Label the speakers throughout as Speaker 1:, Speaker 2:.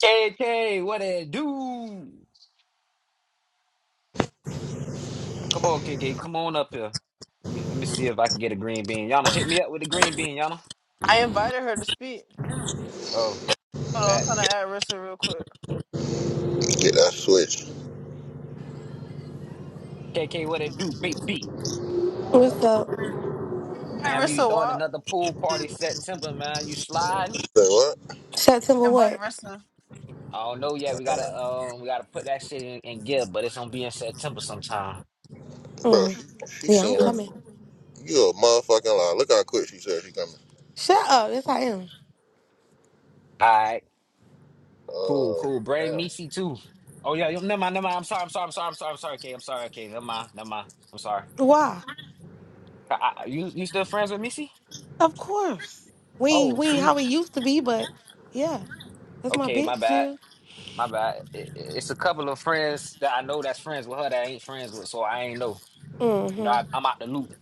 Speaker 1: K K, what it do? Come on, K K, come on up here. Let me, let me see if I can get a green bean. Yana, hit me up with a green bean, Yana.
Speaker 2: I invited her to speak.
Speaker 1: Oh,
Speaker 2: Hold on, I'm
Speaker 1: that.
Speaker 2: trying to add Rissa real quick.
Speaker 3: Get that switch. Say
Speaker 1: K, K, what it do, baby?
Speaker 4: What's up?
Speaker 2: Invite
Speaker 1: Man, we be
Speaker 2: Rissa
Speaker 1: throwing
Speaker 2: Wap.
Speaker 1: another pool party September, man. You sliding?
Speaker 3: what?
Speaker 4: September
Speaker 2: Invite
Speaker 4: what?
Speaker 2: Rissa.
Speaker 1: I don't know yet. We gotta um we gotta put that shit in, in gear, but it's gonna be in September sometime.
Speaker 3: Bro,
Speaker 4: Mm.
Speaker 3: she, she
Speaker 4: Yeah, I'm
Speaker 3: seen her.
Speaker 4: coming.
Speaker 3: You a motherfucking lie. Look how quick she said she coming.
Speaker 4: Shut up. Yes, I am.
Speaker 1: All right, cool,
Speaker 3: Uh,
Speaker 1: cool. Bring
Speaker 3: damn.
Speaker 1: Meesy too. Oh yeah, yo, never mind, never mind. I'm sorry, I'm sorry, I'm sorry, I'm sorry, I'm sorry, K. I'm sorry, K. Never mind, never mind. I'm sorry.
Speaker 4: Why?
Speaker 1: I, I, you you still friends with Meesy?
Speaker 4: Of course. We ain't,
Speaker 1: Oh,
Speaker 4: we ain't
Speaker 1: see?
Speaker 4: how we used to be, but yeah, that's my
Speaker 1: Okay, my
Speaker 4: bitch
Speaker 1: bad.
Speaker 4: still.
Speaker 1: My bad. It, it- it's a couple of friends that I know that's friends with her that I ain't friends with, so I ain't know. You know, I,
Speaker 4: Mm-hmm.
Speaker 1: I'm out the loop.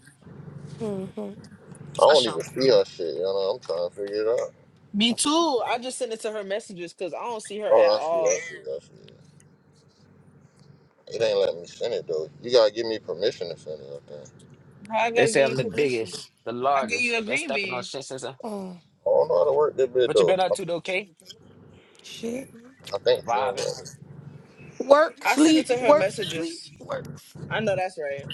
Speaker 4: Mm-hmm.
Speaker 3: I
Speaker 2: For
Speaker 3: don't
Speaker 2: sure.
Speaker 3: even see her shit, you know? I'm trying to figure it out.
Speaker 2: Me too. I just sent it to her messages because I don't see her at
Speaker 3: Oh, I see,
Speaker 2: all.
Speaker 3: I see, I see. It ain't letting me send it, though. You gotta give me permission to send it, I think.
Speaker 2: How I
Speaker 1: They
Speaker 2: gotta
Speaker 1: say
Speaker 2: give you
Speaker 1: I'm the
Speaker 2: permission.
Speaker 1: biggest, the
Speaker 2: I gave
Speaker 1: largest,
Speaker 2: you a
Speaker 1: been
Speaker 2: green
Speaker 1: stepping on
Speaker 2: bean.
Speaker 1: shit since. I,
Speaker 4: Mm.
Speaker 3: I don't know how to work that bit,
Speaker 1: what you
Speaker 3: though.
Speaker 1: been up to
Speaker 3: I,
Speaker 1: though, K?
Speaker 4: Shit.
Speaker 3: I think she ain't
Speaker 1: Vibing.
Speaker 3: right.
Speaker 4: Work,
Speaker 2: I sent it
Speaker 4: sleep,
Speaker 2: to her
Speaker 4: work, sleep,
Speaker 2: messages.
Speaker 4: work.
Speaker 2: I know that's right.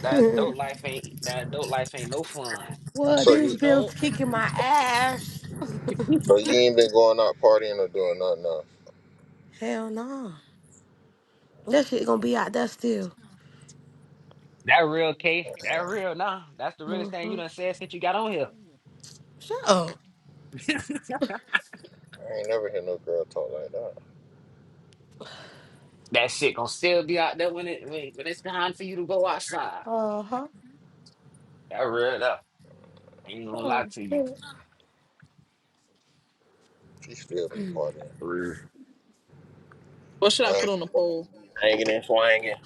Speaker 1: That
Speaker 4: sleep.
Speaker 1: adult life ain't that adult life ain't no fun.
Speaker 4: well,
Speaker 3: So
Speaker 4: these
Speaker 3: you,
Speaker 4: bills
Speaker 2: Nope.
Speaker 4: kicking my ass.
Speaker 3: so you ain't been going out partying or doing nothing else?
Speaker 4: Hell no. That shit gonna be out there still.
Speaker 1: That real K, that real nah. That's the realest thing you
Speaker 4: Mm-hmm.
Speaker 1: done said since you got on here.
Speaker 4: Shut up.
Speaker 3: I ain't never hear no girl talk like that.
Speaker 1: that shit gonna still be out there when it when, when it's time for you to go outside.
Speaker 4: Uh-huh.
Speaker 1: That real though. Ain't gonna lie
Speaker 4: Oh,
Speaker 1: to you.
Speaker 4: man.
Speaker 3: She still be partying.
Speaker 1: For real.
Speaker 2: What should I
Speaker 3: I
Speaker 2: put on the
Speaker 3: ain't-
Speaker 2: poll?
Speaker 3: Hanging and swanging.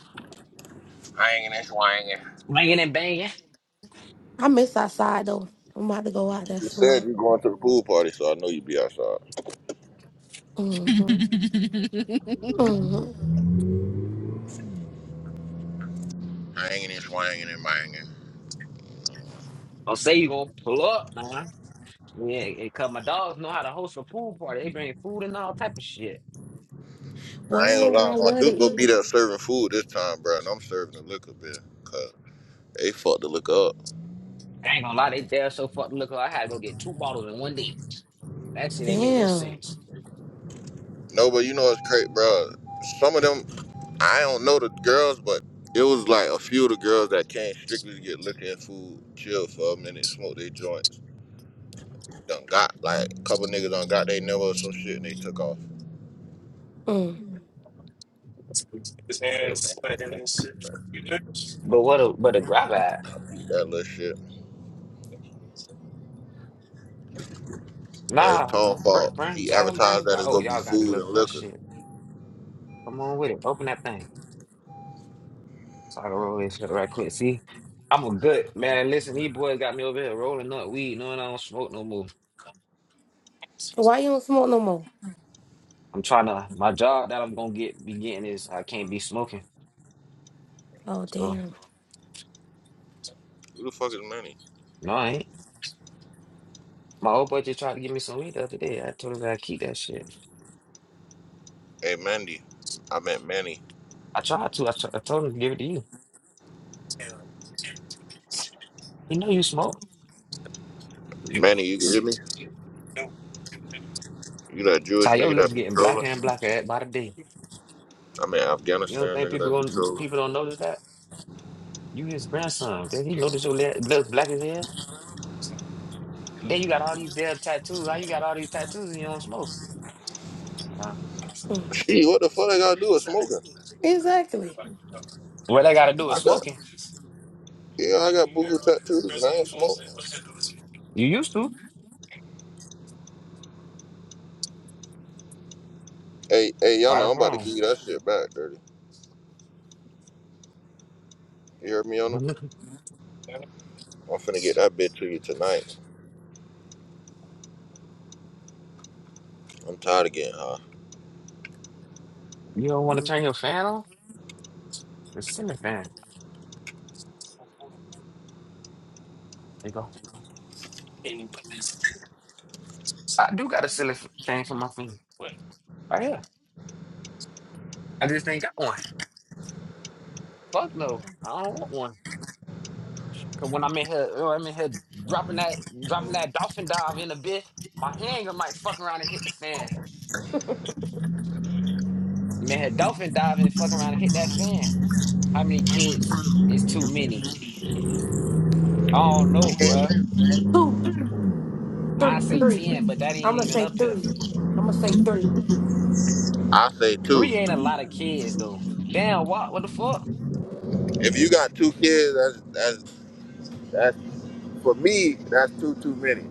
Speaker 3: Hanging and swanging.
Speaker 1: Swinging and banging.
Speaker 4: I miss outside though. I'm about to go out there
Speaker 3: You
Speaker 4: soon.
Speaker 3: said you going to the pool party, so I know you be outside.
Speaker 4: Mm-hmm. Mm-hmm.
Speaker 3: Hanging and swanging and banging.
Speaker 1: Don't say you gonna pull up, nah? Yeah, it cause my dogs know how to host a pool party. They bring food and all type of shit.
Speaker 4: What?
Speaker 3: I ain't
Speaker 4: And
Speaker 3: gonna
Speaker 4: I
Speaker 3: lie, my
Speaker 4: love to
Speaker 3: dude go
Speaker 4: eat.
Speaker 3: be there serving food this time, bro, and I'm serving the liquor bill. Cause they fucked the liquor up.
Speaker 1: I ain't gonna lie, they dare so fucking look. like I had to go get two bottles in one day. That shit ain't make no
Speaker 4: Damn.
Speaker 1: sense.
Speaker 3: No, but you know it's crazy, bro. Some of them, I don't know the girls, but it was like a few of the girls that came strictly to get liquor and food, chill for a minute, smoke their joints. Done got, like, a couple niggas done got their number or some shit and they took off.
Speaker 4: Mm.
Speaker 3: They, they, they
Speaker 1: But what a but a grab at?
Speaker 3: beat that little shit. But it's
Speaker 1: Nah,
Speaker 3: Tom's
Speaker 1: burn,
Speaker 3: fault.
Speaker 1: burn,
Speaker 3: He
Speaker 1: tell them burn the
Speaker 3: advertised that
Speaker 1: grab.
Speaker 3: it's
Speaker 1: Oh,
Speaker 3: gonna be
Speaker 1: y'all got the
Speaker 3: food
Speaker 1: little
Speaker 3: and
Speaker 1: crush
Speaker 3: liquor.
Speaker 1: shit. Come on with it. Open that thing. So I can roll this shit right quick. See, I'm a good man. Listen, these boys got me over here rolling up weed, knowing I don't smoke no more.
Speaker 4: Why you don't smoke no more?
Speaker 1: I'm trying to my job that I'm gonna get be getting is I can't be smoking.
Speaker 4: Oh,
Speaker 1: So.
Speaker 4: damn.
Speaker 3: Who the fuck is Manny?
Speaker 1: No, I ain't. My old boy just tried to give me some weed the other day. I told him that I keep that shit.
Speaker 3: Hey, Mandy. I meant Manny.
Speaker 1: I tried to. I, t I told him to give it to you. You know you smoke. You.
Speaker 3: Manny, you can hear me? You that Jewish
Speaker 1: Ty, your
Speaker 3: nigga
Speaker 1: lips
Speaker 3: that be
Speaker 1: getting
Speaker 3: trolling?
Speaker 1: blacker and blacker at- by the day.
Speaker 3: I mean
Speaker 1: You don't
Speaker 3: Afghanistan
Speaker 1: think
Speaker 3: nigga
Speaker 1: people
Speaker 3: that be
Speaker 1: going
Speaker 3: trolling.
Speaker 1: people don't notice that? You his grandson. Did he notice your li- lips black as hell? Then you got all these damn tattoos. How you got all these tattoos and you don't smoke? Uh,
Speaker 4: Mm.
Speaker 3: Gee, what the fuck I gotta do with smoking?
Speaker 4: Exactly.
Speaker 1: what I gotta do
Speaker 3: I
Speaker 1: is
Speaker 3: got
Speaker 1: smoking.
Speaker 3: yeah, I got boo tattoos and I ain't smoke.
Speaker 1: You used to.
Speaker 3: Hey, hey, y'all
Speaker 1: Right or
Speaker 3: know I'm about to give
Speaker 1: wrong.
Speaker 3: you that shit back, dirty. You heard me, y'all know? I'm finna get that bitch to you tonight. I'm tired of getting high.
Speaker 1: You don't want to turn your fan on? The ceiling fan. There you go. I do got a ceiling f- fan for my fan. Right here. I just ain't got one. Fuck no. I don't want one. Cause when I'm in here, oh, I'm in here dropping that dropping that dolphin dive in a bit, my hand might fuck around and hit the fan. Man, dolphin diving and fuck around and hit that fan. How many kids is too many? I don't know, bruh.
Speaker 4: Two,
Speaker 1: I
Speaker 4: three,
Speaker 1: say
Speaker 4: three.
Speaker 1: 10, but that
Speaker 4: I'm
Speaker 1: ain't
Speaker 4: gonna
Speaker 1: even
Speaker 4: say
Speaker 1: up here.
Speaker 4: three. I'm gonna say three.
Speaker 3: I say
Speaker 1: Three
Speaker 3: two.
Speaker 1: ain't a lot of kids, though. Damn, what? What the fuck?
Speaker 3: If you got two kids, that's that's that's for me. That's two too many.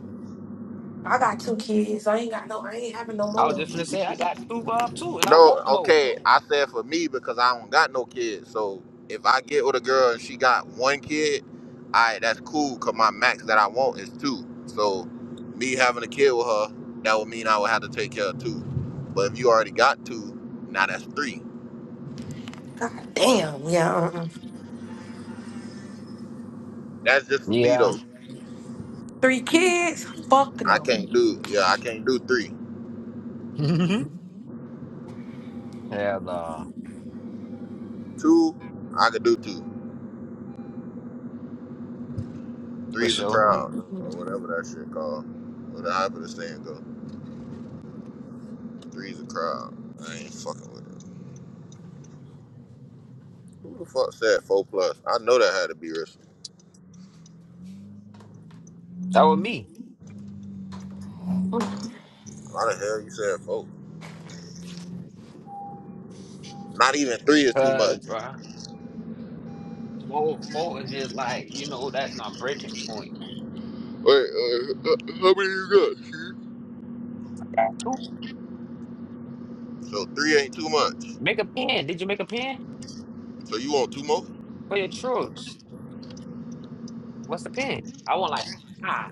Speaker 4: I got two kids. I ain't got no. I ain't having no
Speaker 1: I
Speaker 4: more.
Speaker 1: was
Speaker 4: though.
Speaker 1: just finna say, I got two, uh, two, and I
Speaker 3: No,
Speaker 1: want more.
Speaker 3: okay. I said for me because I don't got no kids. So if I get with a girl and she got one kid, I that's cool. Cause my max that I want is two. So me having a kid with her, that would mean I would have to take care of two. But if you already got two, now that's three.
Speaker 4: God damn. Yeah. Uh-uh.
Speaker 3: That's just for me
Speaker 1: Yeah.
Speaker 3: though.
Speaker 4: Three kids? Fuck
Speaker 3: I
Speaker 4: no.
Speaker 3: can't do yeah. I can't do three.
Speaker 1: Hell no.
Speaker 3: Two, I could do two.
Speaker 1: For
Speaker 3: Three's a
Speaker 1: sure.
Speaker 3: crowd or whatever that shit called. Whatever the saying go. Three's a crowd. I ain't fucking with it. Who the fuck said four plus? I know that had to be risky.
Speaker 1: That was me.
Speaker 4: Mm.
Speaker 3: Why the hell you said four? Not even three is too
Speaker 1: Uh,
Speaker 3: much.
Speaker 1: bruh. Four, four is just like, you know, that's not breaking point.
Speaker 3: Wait, uh, uh, how many you got? Chief?
Speaker 1: Got two.
Speaker 3: So three ain't too much.
Speaker 1: Make a pen. Did you make a pen
Speaker 3: So you want two more?
Speaker 1: for your children's? What's the pen? I want like five.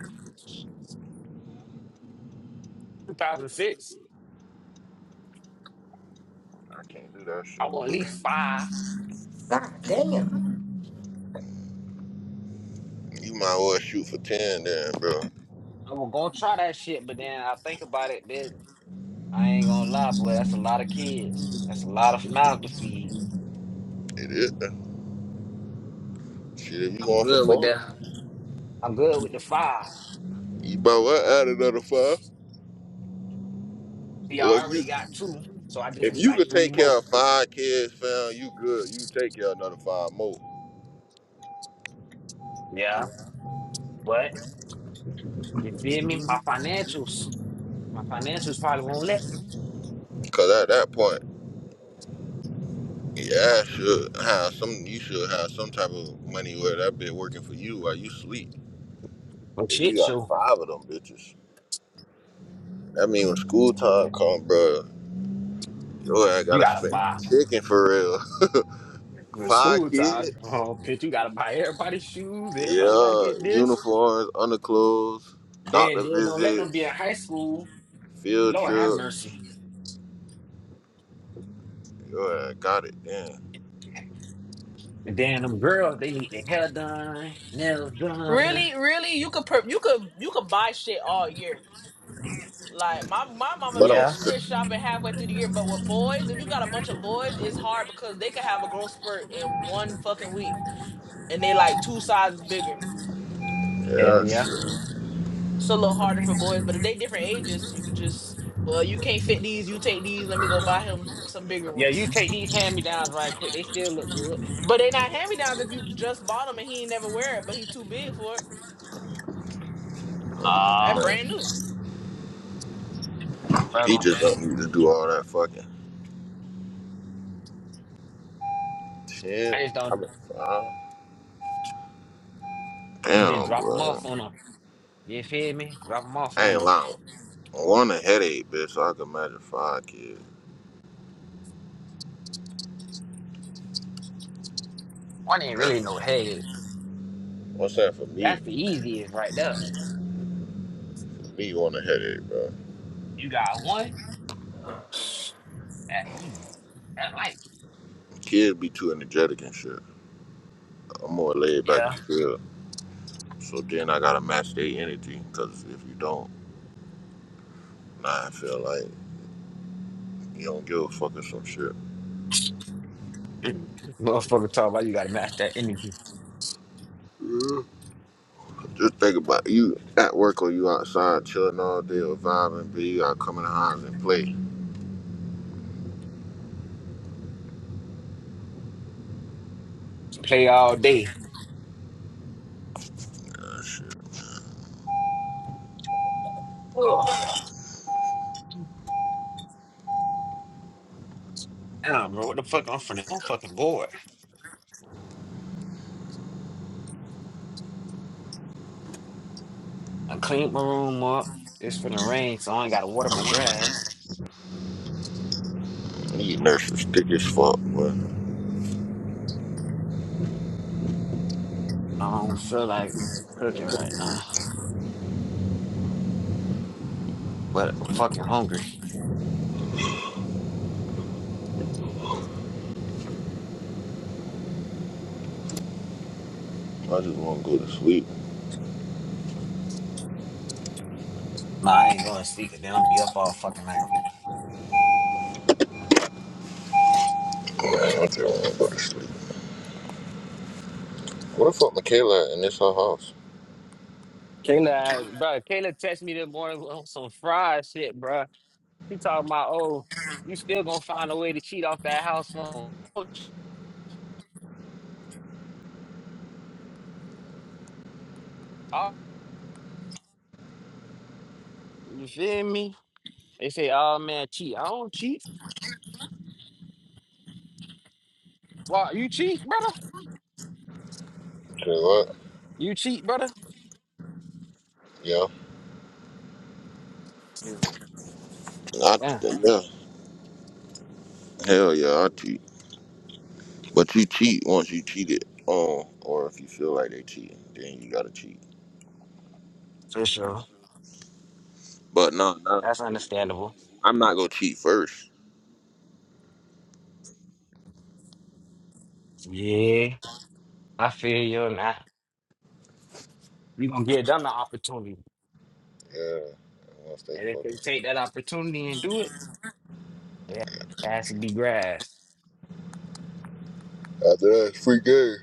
Speaker 1: 2006.
Speaker 3: I can't do that shit.
Speaker 1: I want at least five.
Speaker 4: God damn.
Speaker 3: You might well shoot for ten then, bro.
Speaker 1: I was gonna try that shit, but then I think about it, then I ain't gonna lie, boy. That's a lot of kids. That's a lot of mouth to feed.
Speaker 3: It is. Shit, if you
Speaker 1: I'm
Speaker 3: going for
Speaker 1: good with
Speaker 3: four,
Speaker 1: the I'm good with the five.
Speaker 3: you might well add another five.
Speaker 1: Yeah,
Speaker 3: Or
Speaker 1: I
Speaker 3: if you,
Speaker 1: already got two, so I just
Speaker 3: if
Speaker 1: need
Speaker 3: you
Speaker 1: like
Speaker 3: could
Speaker 1: three
Speaker 3: take care
Speaker 1: more.
Speaker 3: of five kids, fam, you good. You take care of another five more.
Speaker 1: Yeah. But you feel me? My financials, my financials probably won't let me.
Speaker 3: Cause at that point. Yeah, I should have some. You should have some type of money where that bit working for you while you sleep.
Speaker 1: but
Speaker 3: If you
Speaker 1: shit,
Speaker 3: got
Speaker 1: so
Speaker 3: five of them bitches, that mean when school time come, bro, yo, I
Speaker 1: you
Speaker 3: gotta
Speaker 1: gotta
Speaker 3: spend
Speaker 1: buy
Speaker 3: chicken for real.
Speaker 1: for
Speaker 3: five
Speaker 1: school time.
Speaker 3: kids,
Speaker 1: Oh bitch, you gotta buy everybody's shoes, everybody gotta
Speaker 3: yeah,
Speaker 1: get this.
Speaker 3: uniforms, underclothes, doctor
Speaker 1: Then then don't let them be
Speaker 3: visits,
Speaker 1: in high school.
Speaker 3: field
Speaker 1: Lord have mercy.
Speaker 3: trips. Yo, I got it, damn.
Speaker 1: And then them girls, they need their hair done, nails done.
Speaker 2: Really, really, you could per- you could you could buy shit all year. Like my my mama
Speaker 3: But
Speaker 2: be
Speaker 3: I'm,
Speaker 1: Yeah,
Speaker 2: Chris shopping halfway through the year, but with boys, if you got a bunch of boys, it's hard because they could have a growth spurt in one fucking week. and they like two sizes bigger.
Speaker 1: hell
Speaker 3: yeah,
Speaker 1: yeah.
Speaker 3: sure.
Speaker 2: It's a little harder for boys, but if they different ages, you can just well, you can't fit these. You take these. Let me go buy him some bigger
Speaker 1: Yeah, you
Speaker 2: ones.
Speaker 1: take these hand-me-downs right quick. They still look good.
Speaker 2: But they not hand me downs if you just bought them and he ain't never wear it, but he too big for it. That
Speaker 1: Ah,
Speaker 2: brand
Speaker 3: man,
Speaker 2: new.
Speaker 3: he
Speaker 1: brother,
Speaker 3: just don't need to do all that fucking shit.
Speaker 1: I just don't.
Speaker 3: I mean, five.
Speaker 1: I'm gonna just
Speaker 3: Damn,
Speaker 1: drop them
Speaker 3: bro.
Speaker 1: off on them. You feel me? Drop them off
Speaker 3: I
Speaker 1: on
Speaker 3: ain't
Speaker 1: them.
Speaker 3: lying. One a headache, bitch. So I can imagine five kids.
Speaker 1: One ain't
Speaker 3: That's,
Speaker 1: really no head.
Speaker 3: what's that for me?
Speaker 1: That's the easiest right there.
Speaker 3: For me, one a headache, bro.
Speaker 1: You got one. Psh, That easy. That light.
Speaker 3: Kids be too energetic and shit. I'm more laid back and
Speaker 1: Yeah.
Speaker 3: chill. So then I gotta match their energy, cause if you don't, nah, I feel like you don't give a fuck or some shit.
Speaker 1: Motherfucker talk about you gotta match that energy.
Speaker 3: Just think about it. you at work or you outside chilling all day or vibing, but you gotta come in the house and play.
Speaker 1: Play all day.
Speaker 3: Nah, shit.
Speaker 1: Ugh. Damn, bro. What the fuck? I'm from I'm fucking bored. I cleaned my room up. It's finna rain, so I ain't gotta water my grass.
Speaker 3: Need nurses thick as fuck, boy.
Speaker 1: I don't feel like cooking right now, but I'm fucking hungry.
Speaker 3: I just wanna go to sleep.
Speaker 1: Nah, I ain't going to sleep, and then I'm gonna be up all fucking night.
Speaker 3: Man, I just wanna go to sleep. What the fuck, Michaela, and it's her house?
Speaker 1: Kayla, bro, Kayla texted me this morning on some fried shit, bro. He talking about, oh, you still gonna find a way to cheat off that house phone. Oh, You feel me? They say, oh man, cheat. I don't cheat. Why you cheat, brother?
Speaker 3: Say what?
Speaker 1: You cheat, brother?
Speaker 3: Yeah.
Speaker 1: Yeah.
Speaker 3: I,
Speaker 1: Yeah.
Speaker 3: yeah. Hell yeah, I cheat. But you cheat once you cheated on, or if you feel like they cheating, then you gotta cheat.
Speaker 1: For sure.
Speaker 3: But no, no,
Speaker 1: That's understandable.
Speaker 3: I'm not gonna cheat first.
Speaker 1: Yeah. I feel you, and I, you gonna give them the opportunity,
Speaker 3: Yeah. and Once they
Speaker 1: and if they
Speaker 3: fucking.
Speaker 1: take that opportunity and do it, it has to be grasped.
Speaker 3: After that, it's free game.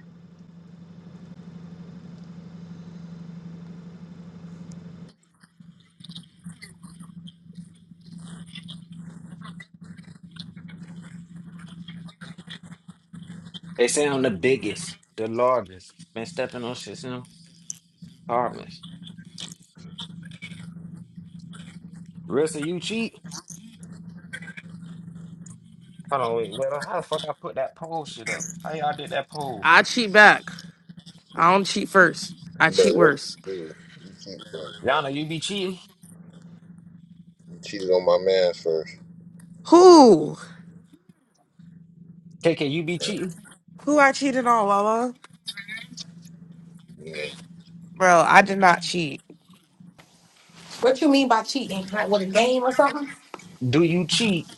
Speaker 1: They say I'm the biggest, the largest. Been stepping on shit since apartments. Rissa, you cheat? Hold on, wait, wait. How the fuck I put that poll shit up? How y'all did that poll?
Speaker 5: I cheat back. I don't cheat first. I
Speaker 3: But
Speaker 5: cheat
Speaker 3: that's
Speaker 5: worse.
Speaker 3: dude, you cheat first, bro.
Speaker 1: Y'all know you be cheating.
Speaker 3: You cheated on my man first.
Speaker 5: Who?
Speaker 1: KK, you be cheating.
Speaker 5: Who I cheated on, Wawa? Bro, I did not cheat.
Speaker 4: What you mean by cheating? Like with a game or something?
Speaker 1: Do you cheat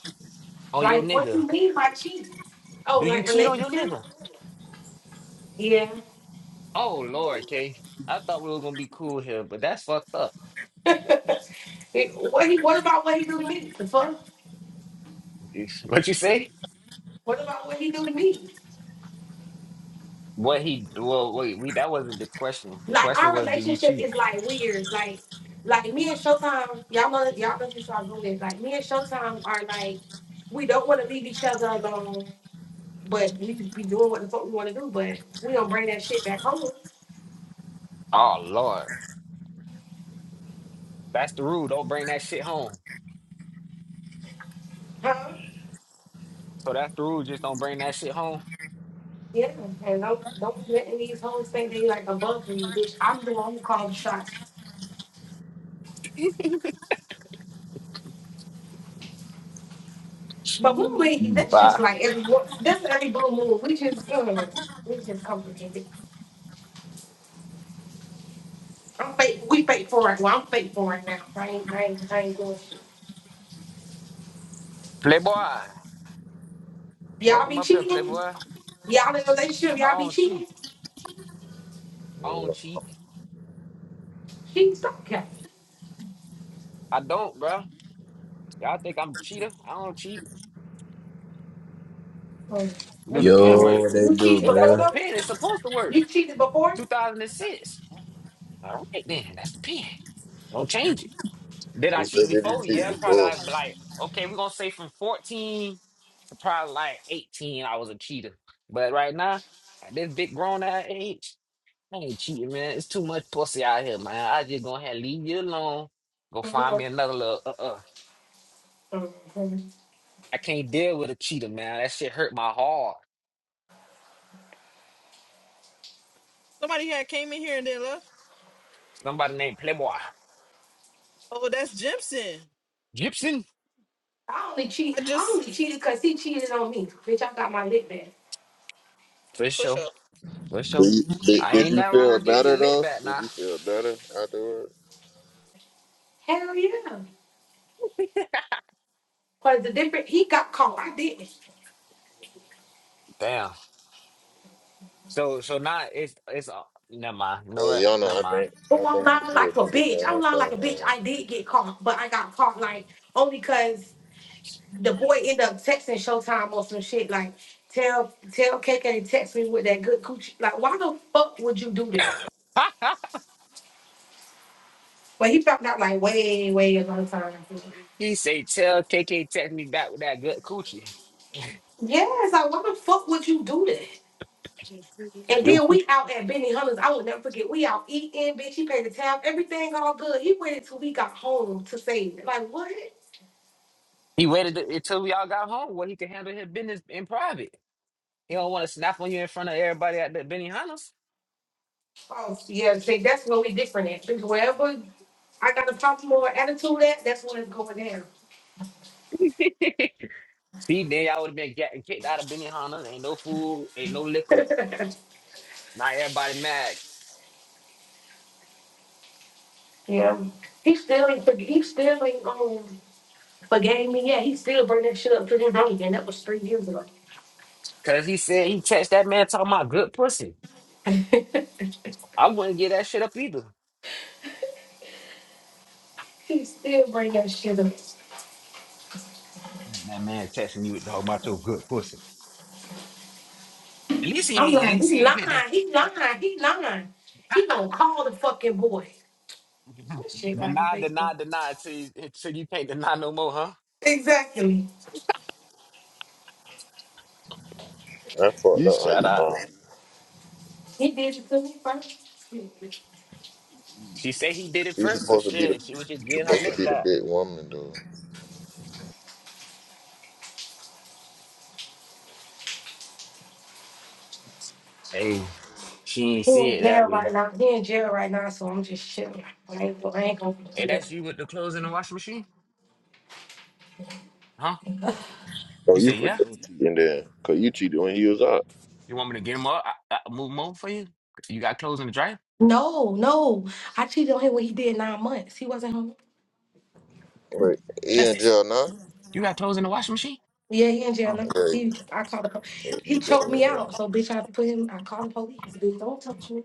Speaker 1: on your
Speaker 4: Like what
Speaker 1: nigga?
Speaker 4: you mean by cheating? Oh,
Speaker 1: Do you
Speaker 4: like
Speaker 1: cheat on your
Speaker 4: relationship?
Speaker 1: nigga?
Speaker 4: Yeah.
Speaker 1: Oh Lord, K. I thought we were gonna be cool here, but that's fucked up.
Speaker 4: It- what, he, what about what he do to me? The fuck?
Speaker 1: What you say?
Speaker 4: What about what he do to me?
Speaker 1: What he well wait we that wasn't the question. The
Speaker 4: Like
Speaker 1: question
Speaker 4: our
Speaker 1: was do you
Speaker 4: relationship
Speaker 1: cheat?
Speaker 4: is like weird. Like like me and Showtime, y'all know y'all know this all good. Like me and Showtime are like we don't want to leave each other alone, but we be doing what the fuck we want to do, but we don't bring that shit back home,
Speaker 1: Oh Lord, that's the rule. Don't bring that shit home.
Speaker 4: huh?
Speaker 1: So that's the rule. Just don't bring that shit home.
Speaker 4: Yeah, and don't don't be letting these hoes think they like above me, bitch. I'm the one who called the shots. But we wait. That's just
Speaker 1: Bye,
Speaker 4: like every that's every blue moon. We just mm, we just complicated. I'm fake. We fake for it. Well, I'm fake for it now. I ain't I ain't, I ain't doing shit.
Speaker 1: playboy.
Speaker 4: Y'all
Speaker 1: Welcome
Speaker 4: be
Speaker 1: up here,
Speaker 4: cheating.
Speaker 1: playboy.
Speaker 4: Y'all in a relationship.
Speaker 1: I
Speaker 4: Y'all be
Speaker 1: don't
Speaker 4: cheating.
Speaker 1: cheat. I
Speaker 3: You
Speaker 1: don't
Speaker 3: know.
Speaker 1: cheat.
Speaker 4: She's okay.
Speaker 1: I don't, bro. Y'all think I'm a cheater? I don't cheat.
Speaker 4: Mm,
Speaker 1: Do
Speaker 4: that's
Speaker 1: the pen
Speaker 4: good.
Speaker 6: Yo,
Speaker 1: work?
Speaker 6: what they
Speaker 4: You
Speaker 6: do,
Speaker 4: cheated
Speaker 1: If that's
Speaker 4: before
Speaker 1: the
Speaker 6: man?
Speaker 4: though.
Speaker 1: pen, it's supposed to work.
Speaker 4: You cheated before.
Speaker 1: 2006. All right then, that's the pen. Don't change it. Did
Speaker 3: She
Speaker 1: I cheat
Speaker 3: said, "Did
Speaker 1: before?
Speaker 3: you
Speaker 1: Yeah,
Speaker 3: cheat
Speaker 1: probably
Speaker 3: before?
Speaker 1: like like okay, we're gonna say from 14 to probably like 18, I was a cheater. But right now, at this big grown ass age, I ain't cheating, man. It's too much pussy out here, man. I just gonna have leave you alone. Go find
Speaker 4: Mhm.
Speaker 1: me another little uh uh.
Speaker 4: Mhm.
Speaker 1: I can't deal with a cheater, man. That shit hurt my heart.
Speaker 2: Somebody had came in here and then left.
Speaker 1: Somebody named Playboy.
Speaker 2: Oh, that's Jimson.
Speaker 1: Gibson?
Speaker 4: I only cheat.
Speaker 2: I
Speaker 4: I
Speaker 2: just
Speaker 4: only cheated because he cheated on me. Bitch, I got my lick back.
Speaker 1: For
Speaker 2: push
Speaker 1: sure.
Speaker 2: up.
Speaker 1: For sure.
Speaker 3: Did you, did,
Speaker 1: I
Speaker 3: did
Speaker 1: ain't
Speaker 3: you
Speaker 1: nothing wrong
Speaker 3: feel
Speaker 1: with getting your
Speaker 3: better
Speaker 1: lit
Speaker 3: though?
Speaker 1: back
Speaker 3: Did
Speaker 1: now.
Speaker 3: you feel better afterwards?"
Speaker 4: Hell yeah. Cause the different he got caught. I didn't.
Speaker 1: Damn. So so now it's it's uh, never mind. You
Speaker 3: Uh,
Speaker 1: know what?
Speaker 3: Yana,
Speaker 1: Never
Speaker 3: I
Speaker 1: mind.
Speaker 3: think
Speaker 4: Oh,
Speaker 3: I
Speaker 4: I'm
Speaker 3: think you
Speaker 4: lying like
Speaker 3: should
Speaker 4: a
Speaker 3: do the
Speaker 4: bitch. I'm
Speaker 3: same
Speaker 4: lying like
Speaker 3: thing.
Speaker 4: a bitch.
Speaker 3: Man.
Speaker 4: I did get caught, but I got caught like only because the boy ended up texting Showtime or some shit. Like, tell tell K K. to text me with that good coochie. Like, why the fuck would you do that? But he found out like way, way a long time.
Speaker 1: He say, tell KK text me back with that good coochie.
Speaker 4: Yes, like why the fuck would you do that? And
Speaker 1: Yo,
Speaker 4: then
Speaker 1: coo-
Speaker 4: we out at Benny Hunter's. I will never forget. We out eating, bitch. He paid the tab, everything all good. He waited till we got home to say, it. like, what?
Speaker 1: He waited until we all got home where he could handle his business in private. He don't want to snap on you in front of everybody at the Benihana's.
Speaker 4: Oh, yeah, see, that's where we different at. Because wherever I got a popular attitude at, that's where it's going down.
Speaker 1: See, then y'all would have been getting kicked out of Benihana. Ain't no food, ain't no liquor. Not everybody mad.
Speaker 4: Yeah. He still ain't, forg- he still ain't, um, forgave me yet. He still bring that shit up to his own again. That was three years ago.
Speaker 1: Cause he said he text that man talking about good pussy. I wouldn't get that shit up either.
Speaker 4: he still bring that shit up.
Speaker 1: That man texting you talking about your good pussy. At least he
Speaker 4: I'm
Speaker 1: ain't. At
Speaker 4: like, he
Speaker 1: least he ain't hit this.
Speaker 4: lying, he lying, he lying. He gonna call the fucking boy. That shit like a
Speaker 1: Deny,
Speaker 4: Facebook.
Speaker 1: deny, deny. So you, so you can't deny no more, huh?
Speaker 4: Exactly.
Speaker 3: That fucked
Speaker 1: You
Speaker 3: up. How
Speaker 1: shut
Speaker 3: you
Speaker 1: up.
Speaker 3: um,
Speaker 4: He did it to me first.
Speaker 1: She said he did it
Speaker 3: you
Speaker 1: first, so
Speaker 3: supposed to be the
Speaker 1: shit, she would just
Speaker 3: you
Speaker 1: get her
Speaker 3: supposed to
Speaker 1: lip
Speaker 3: be the
Speaker 1: back.
Speaker 3: big woman, dude.
Speaker 1: Hey, she ain't
Speaker 4: He
Speaker 1: see
Speaker 4: in
Speaker 1: it that
Speaker 4: jail
Speaker 1: way.
Speaker 4: right now. He in jail right now, so I'm just chilling. I ain't, go- I ain't gonna
Speaker 1: Hey,
Speaker 4: do that.
Speaker 1: that's you with the clothes in the washing machine? Huh?
Speaker 3: So
Speaker 1: You
Speaker 3: you
Speaker 1: say,
Speaker 3: for
Speaker 1: yeah?
Speaker 3: sure cheating then, cause you cheated when he was out.
Speaker 1: You want me to get them up? I, I move them over for you? You got clothes in the dryer?
Speaker 4: No, no. I cheated on him when he did nine months. He wasn't home.
Speaker 3: Wait, he in
Speaker 1: Justice,
Speaker 3: jail now?
Speaker 1: you got clothes in the washing machine?
Speaker 4: Yeah, he in jail
Speaker 1: Oh,
Speaker 4: now.
Speaker 3: Yeah,
Speaker 4: He, I called the po-
Speaker 3: you
Speaker 4: He choked
Speaker 3: doing
Speaker 4: me
Speaker 3: your thing.
Speaker 4: out, so bitch, I put him. I called the police. Bitch, don't touch me.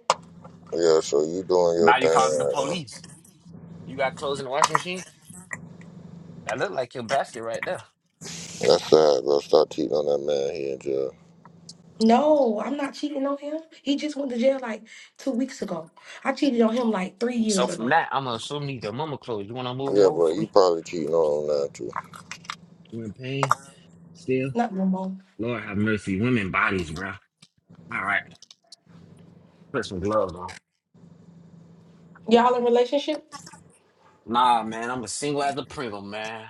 Speaker 3: Yeah, so you doing your
Speaker 1: now
Speaker 3: thing
Speaker 1: you calling the
Speaker 3: right now.
Speaker 1: police. You got clothes in the washing machine? That look like your basket right there.
Speaker 3: That's sad, bro. Stop cheating on that man. He in jail.
Speaker 4: No, I'm not cheating on him. He just went to jail like two weeks ago. I cheated on him like three
Speaker 1: So
Speaker 4: years
Speaker 1: from
Speaker 4: ago.
Speaker 1: that, I'm gonna assume these are mama clothes. You wanna move them
Speaker 3: Yeah,
Speaker 1: over for
Speaker 3: but you
Speaker 1: me?
Speaker 3: probably cheating on him now too.
Speaker 1: You in pain? still?
Speaker 4: Not no more.
Speaker 1: Lord have mercy. Women bodies, bro. All right. Put some gloves on.
Speaker 4: Y'all in relationships?
Speaker 1: Nah, man. I'm a single as a Pringle, man.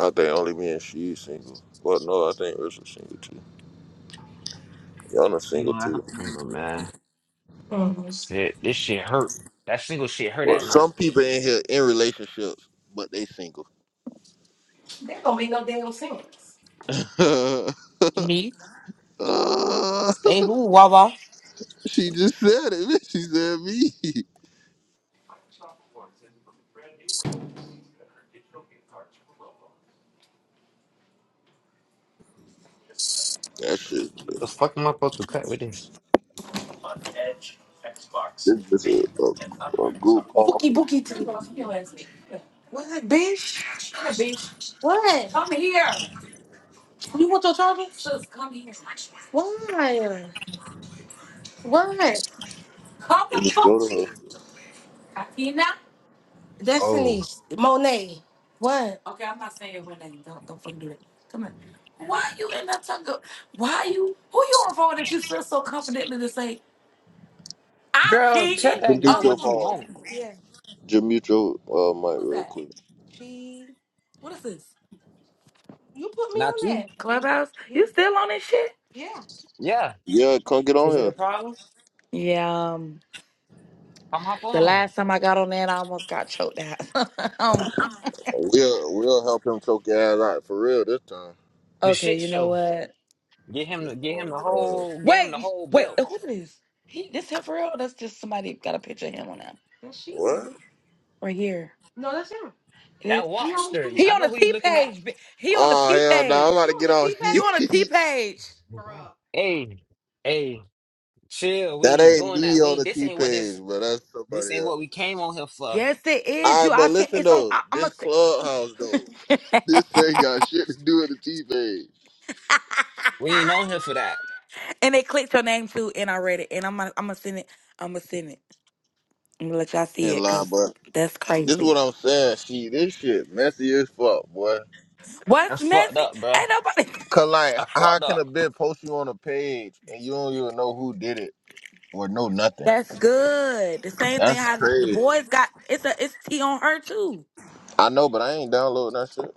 Speaker 3: I think only me and she single. But no, I think Rich is single too. Yana single
Speaker 1: Single as
Speaker 3: too.
Speaker 1: a Pringle, man.
Speaker 4: Mm-hmm.
Speaker 1: Shit. This shit hurt. That single shit hurt
Speaker 3: Well,
Speaker 1: at night.
Speaker 3: some people in here in relationships, but they single.
Speaker 4: That don't make no damn sense.
Speaker 5: Me?
Speaker 3: Uh,
Speaker 5: Hey, who, Wawa?
Speaker 3: she just said it. bitch. She said me. That shit.
Speaker 1: What the fuck am I supposed to cut with this?
Speaker 3: This is a, a, a group call.
Speaker 4: Bookie Bookie too. What, bitch? What? Come here. You want your charger? Sis, come here. Why? What? Come the
Speaker 3: Just
Speaker 4: fuck.
Speaker 3: go to her.
Speaker 4: Athena?
Speaker 1: Oh.
Speaker 4: Destiny. Monet. What? Okay, I'm I not Don't don't saying your name. Don't don't fucking do that. Come here. Why Why you you? you you you in that that Who you on the phone that you feel so confidently to to say I
Speaker 1: Girl,
Speaker 4: cheated?
Speaker 1: tell
Speaker 3: Just
Speaker 1: that
Speaker 4: Oh,
Speaker 3: mute
Speaker 1: girl
Speaker 4: you
Speaker 3: your
Speaker 1: what you
Speaker 4: want to chat?
Speaker 1: want.
Speaker 3: phone.
Speaker 4: Yeah.
Speaker 3: Just mute your uh, mic
Speaker 4: What's
Speaker 3: real
Speaker 4: that?
Speaker 3: quick.
Speaker 4: She. What is this? You put me
Speaker 1: Not
Speaker 4: on
Speaker 1: you.
Speaker 4: that. Clubhouse, you still on this shit? Yeah.
Speaker 1: Yeah.
Speaker 3: Yeah, come get
Speaker 1: Is
Speaker 3: on
Speaker 1: it a
Speaker 3: here.
Speaker 1: problem?
Speaker 4: Yeah, um,
Speaker 1: Come hop
Speaker 4: the
Speaker 1: on.
Speaker 4: last time I got on that, I almost got choked out. um,
Speaker 3: We'll, we'll help him choke your ass out for real this time.
Speaker 1: The
Speaker 4: okay,
Speaker 1: shit
Speaker 4: you know
Speaker 1: show.
Speaker 4: what?
Speaker 1: Get him the
Speaker 3: Just go
Speaker 1: get
Speaker 3: on
Speaker 1: him
Speaker 3: and
Speaker 1: the
Speaker 3: get on here.
Speaker 1: whole get him the
Speaker 4: Wait,
Speaker 1: whole
Speaker 4: wait,
Speaker 1: belt.
Speaker 4: who is this? He, this him for real? That's just somebody got a picture of him on that
Speaker 3: What?
Speaker 4: right here. No, that's him. It
Speaker 1: That
Speaker 4: is.
Speaker 1: wobster.
Speaker 4: He
Speaker 1: I
Speaker 4: on the
Speaker 1: know who you
Speaker 4: T
Speaker 1: looking at.
Speaker 4: page. bi- He on the
Speaker 3: Oh,
Speaker 4: T
Speaker 3: hell no. I'm
Speaker 4: page.
Speaker 3: about
Speaker 4: You
Speaker 3: to
Speaker 4: on
Speaker 3: get on.
Speaker 4: that? You
Speaker 3: She.
Speaker 4: on the T page? Bro.
Speaker 1: Hey. Hey. Chill, we
Speaker 3: that
Speaker 1: ain't
Speaker 3: ain't
Speaker 1: doing
Speaker 3: me
Speaker 1: that. We
Speaker 3: on
Speaker 1: ain't,
Speaker 3: the
Speaker 1: this
Speaker 3: T
Speaker 1: ain't what
Speaker 3: page,
Speaker 1: this
Speaker 3: but that's
Speaker 1: this
Speaker 3: somebody
Speaker 1: ain't
Speaker 3: else.
Speaker 1: what we came on here for.
Speaker 4: Yes, it is
Speaker 3: All
Speaker 4: you.
Speaker 3: right,
Speaker 4: I
Speaker 3: but
Speaker 4: see.
Speaker 3: listen
Speaker 4: It's on.
Speaker 3: though,
Speaker 4: I, I'm
Speaker 3: this clubhouse though, This
Speaker 4: a.
Speaker 3: ain't got shit to do with the T page.
Speaker 1: We ain't on here for that.
Speaker 4: And they clicked your name too, and I read it. And I'm gonna, I'm gonna send it. I'm gonna send it. I'm gonna let y'all see
Speaker 3: and
Speaker 4: it,
Speaker 3: lie,
Speaker 4: cause
Speaker 3: but
Speaker 4: that's
Speaker 3: this is
Speaker 4: crazy.
Speaker 3: what I'm saying. She, this shit messy as fuck, boy.
Speaker 4: What's
Speaker 1: That's fucked
Speaker 4: messy?
Speaker 1: up, bro.
Speaker 4: Ain't nobody.
Speaker 3: Cause like,
Speaker 1: I
Speaker 3: how
Speaker 1: fucked
Speaker 3: can a
Speaker 1: up.
Speaker 3: bitch post you on a page and you don't even know who did it or know nothing?
Speaker 4: That's good. The same thing.
Speaker 3: That's
Speaker 4: How the the
Speaker 3: crazy.
Speaker 4: boys got it's a it's T on her too.
Speaker 3: I know, but I ain't downloading that shit.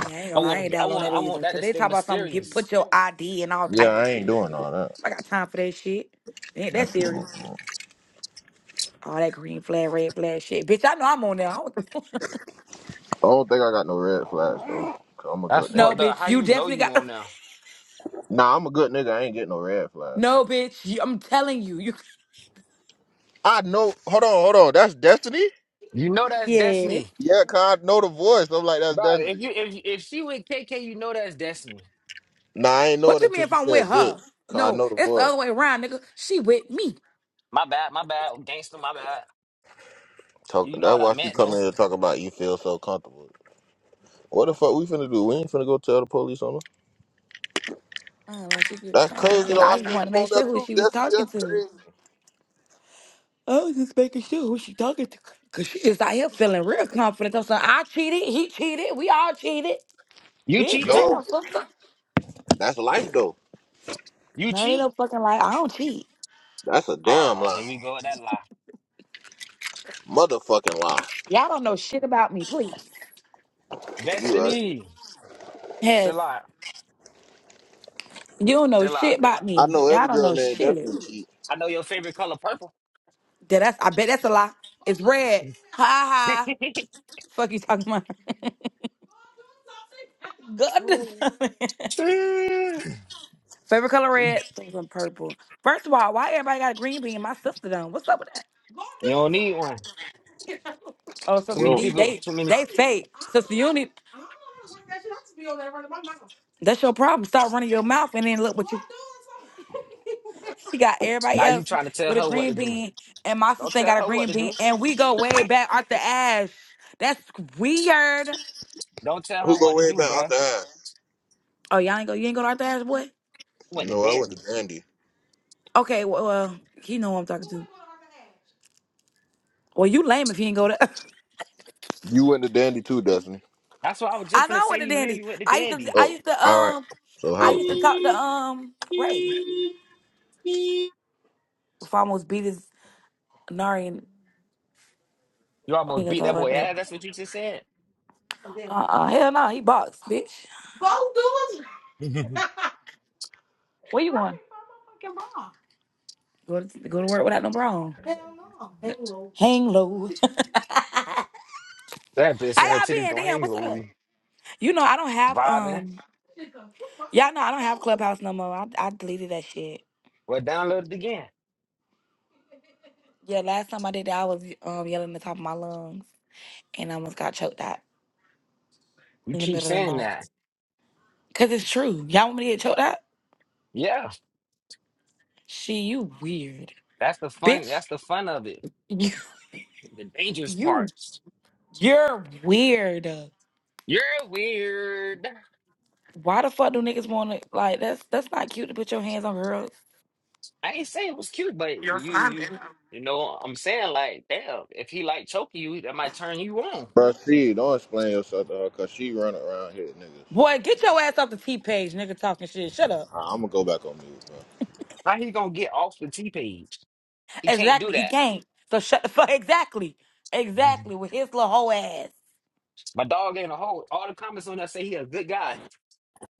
Speaker 4: Yeah, I ain't
Speaker 1: I
Speaker 4: gonna lie, I ain't
Speaker 1: want I
Speaker 4: download
Speaker 1: want
Speaker 4: that
Speaker 1: I want
Speaker 4: either.
Speaker 1: that
Speaker 4: Cause
Speaker 1: to
Speaker 4: they
Speaker 1: stay
Speaker 4: talk about something. Get
Speaker 1: mysterious.
Speaker 4: put your ID and all
Speaker 3: Yeah,
Speaker 4: type of
Speaker 3: I ain't
Speaker 4: shit.
Speaker 3: doing all that.
Speaker 4: I got time for that shit. Ain't that
Speaker 3: That's too
Speaker 4: serious?
Speaker 3: much. man.
Speaker 4: All that green flag, red flag shit, bitch. I know I'm on there. I don't-
Speaker 3: I don't think I got no red flags though. i I'm a
Speaker 1: That's
Speaker 3: good
Speaker 4: no,
Speaker 1: fucked
Speaker 3: nigga.
Speaker 1: up.
Speaker 4: bitch,
Speaker 1: How
Speaker 4: you
Speaker 1: you know
Speaker 4: definitely
Speaker 1: you
Speaker 4: got.
Speaker 1: on now?
Speaker 3: Nah, I'm a good nigga. I ain't getting no red flags.
Speaker 4: No, bitch, you, I'm telling you, you.
Speaker 3: I know. Hold on, hold on. That's Destiny.
Speaker 1: You know that's
Speaker 4: Yeah,
Speaker 1: Destiny,
Speaker 3: Yeah, cause I know the voice. I'm like, that's
Speaker 1: bro. If
Speaker 3: Destiny.
Speaker 1: you if if she with KK, you know that's Destiny.
Speaker 3: Nah, I ain't know it until she said bitch. Cause I know the voice.
Speaker 1: My bad, my bad, gangster, my bad.
Speaker 3: Talk,
Speaker 1: You know
Speaker 3: that's
Speaker 1: what I
Speaker 3: why she
Speaker 1: meant
Speaker 3: come
Speaker 1: though.
Speaker 3: in here to talk about you feel so comfortable. What the fuck we finna do? We ain't finna go tell the police on her. That's crazy though. I see you on there too, Destiny. That's
Speaker 4: me.
Speaker 3: crazy.
Speaker 4: is out here feeling real confident. I'm saying I cheated, he cheated, we all cheated.
Speaker 1: You
Speaker 4: Bitch,
Speaker 1: cheat
Speaker 3: No,
Speaker 4: damn,
Speaker 1: too.
Speaker 4: sister.
Speaker 3: that's life though.
Speaker 1: You
Speaker 4: No, they
Speaker 1: cheat.
Speaker 4: don't fucking like I don't cheat.
Speaker 3: That's a damn
Speaker 1: Ah, here
Speaker 3: lie.
Speaker 1: we go with that lie.
Speaker 3: Motherfucking lie.
Speaker 4: Y'all don't know shit about me, please.
Speaker 3: You right.
Speaker 1: Destiny,
Speaker 4: Yes,
Speaker 1: still out,
Speaker 4: you don't know
Speaker 1: still out.
Speaker 4: shit about
Speaker 3: I
Speaker 4: me.
Speaker 3: know
Speaker 4: Y'all
Speaker 3: every
Speaker 4: don't
Speaker 3: girl
Speaker 4: know
Speaker 3: named
Speaker 4: shit.
Speaker 3: Destiny cheat.
Speaker 1: I know your favorite color purple.
Speaker 4: Yeah, that's I bet that's a lie. It's red. Ha ha. Fuck you talking about. Goodness.
Speaker 1: You
Speaker 4: Favorite color red, things in purple. First of all, why everybody got a green bean? My sister done. What's up with that?
Speaker 1: don't need one.
Speaker 4: Oh, so,
Speaker 1: Too
Speaker 4: so
Speaker 1: many
Speaker 3: Well,
Speaker 4: these
Speaker 1: people,
Speaker 4: they
Speaker 1: too many.
Speaker 4: they fake. So, so you need. That's your problem. Start running your mouth and then look what you. She got everybody
Speaker 1: Now you
Speaker 4: else
Speaker 1: trying to tell
Speaker 4: with a
Speaker 1: her what
Speaker 4: green
Speaker 1: to do.
Speaker 4: bean, and my
Speaker 1: Don't
Speaker 4: sister ain't
Speaker 1: tell
Speaker 4: got a
Speaker 1: her what
Speaker 4: green
Speaker 1: to
Speaker 4: bean,
Speaker 1: do.
Speaker 4: and we go way back. Arthur Ashe. That's weird.
Speaker 1: Don't tell her
Speaker 3: who go
Speaker 1: what to
Speaker 3: way
Speaker 1: do,
Speaker 3: back off
Speaker 1: bruh.
Speaker 3: the
Speaker 1: You
Speaker 3: ass?
Speaker 4: Oh, y'all ain't go. You ain't go to Arthur Ashe, boy.
Speaker 1: went to
Speaker 3: No, I went
Speaker 1: dandy.
Speaker 3: to Dandy.
Speaker 4: Okay, well, well, he know who I'm talking to. Well, you lame if you ain't go to.
Speaker 3: You went to Dandy too, Destiny.
Speaker 1: That's what I was just
Speaker 4: I
Speaker 1: gonna
Speaker 4: know
Speaker 1: say.
Speaker 4: what a
Speaker 1: You
Speaker 4: dandy.
Speaker 1: literally went to
Speaker 4: I used to.
Speaker 1: dandy.
Speaker 4: I
Speaker 3: Oh,
Speaker 4: used to.
Speaker 3: all right.
Speaker 4: Um,
Speaker 3: So
Speaker 4: I
Speaker 3: how?
Speaker 4: used to talk to um Ray. If I almost beat his Nari and
Speaker 1: You
Speaker 4: I ain't
Speaker 1: almost
Speaker 4: gonna
Speaker 1: beat
Speaker 4: talk
Speaker 1: that
Speaker 4: about
Speaker 1: boy
Speaker 4: that.
Speaker 1: ass. That's what you just said.
Speaker 4: Uh-uh, hell no, he boxed, bitch. Go do it.
Speaker 1: that
Speaker 4: Where you going? Go to, go to work without no bra on. Hell no. Hang low. Hang low.
Speaker 1: bitch
Speaker 4: How
Speaker 1: and her
Speaker 4: y'all
Speaker 1: titties
Speaker 4: been?
Speaker 1: don't
Speaker 4: Damn,
Speaker 1: hang
Speaker 4: what's up?
Speaker 1: low.
Speaker 4: You know, I don't have,
Speaker 1: Vibing.
Speaker 4: um, y'all know I don't have Clubhouse no more. I, I deleted that shit.
Speaker 1: Well, download it again.
Speaker 4: Yeah, last time I did that, I was um yelling at the top of my lungs and I almost got choked out
Speaker 1: You
Speaker 4: in the
Speaker 1: keep
Speaker 4: middle of the
Speaker 1: saying
Speaker 4: night.
Speaker 1: that.
Speaker 4: Cause it's true. Y'all want me to get choked out?
Speaker 1: Yeah,
Speaker 4: She, you weird.
Speaker 1: that's the fun.
Speaker 4: Bitch,
Speaker 1: That's the fun of it.
Speaker 4: you,
Speaker 1: The dangerous
Speaker 4: you,
Speaker 1: parts.
Speaker 4: you're weird.
Speaker 1: You're weird.
Speaker 4: Why the fuck do niggas want to like? That's that's not cute to put your hands on girls.
Speaker 1: I ain't saying it was cute, but you you you know I'm saying like damn, if he like choking you, that might turn you on.
Speaker 3: Bro, she don't explain yourself to her because she run around here, niggas.
Speaker 4: Boy, get your ass off the T page, nigga. Talking shit. Shut up.
Speaker 3: I'm gonna go back on mute, bro.
Speaker 1: How he gonna get off the T page? He can't do
Speaker 4: Exactly. He
Speaker 1: that.
Speaker 4: can't. So shut the fuck. Exactly.
Speaker 1: Mhm.
Speaker 4: Exactly. With his little hoe ass.
Speaker 1: My dog ain't a hoe. All the comments on that say he a good guy.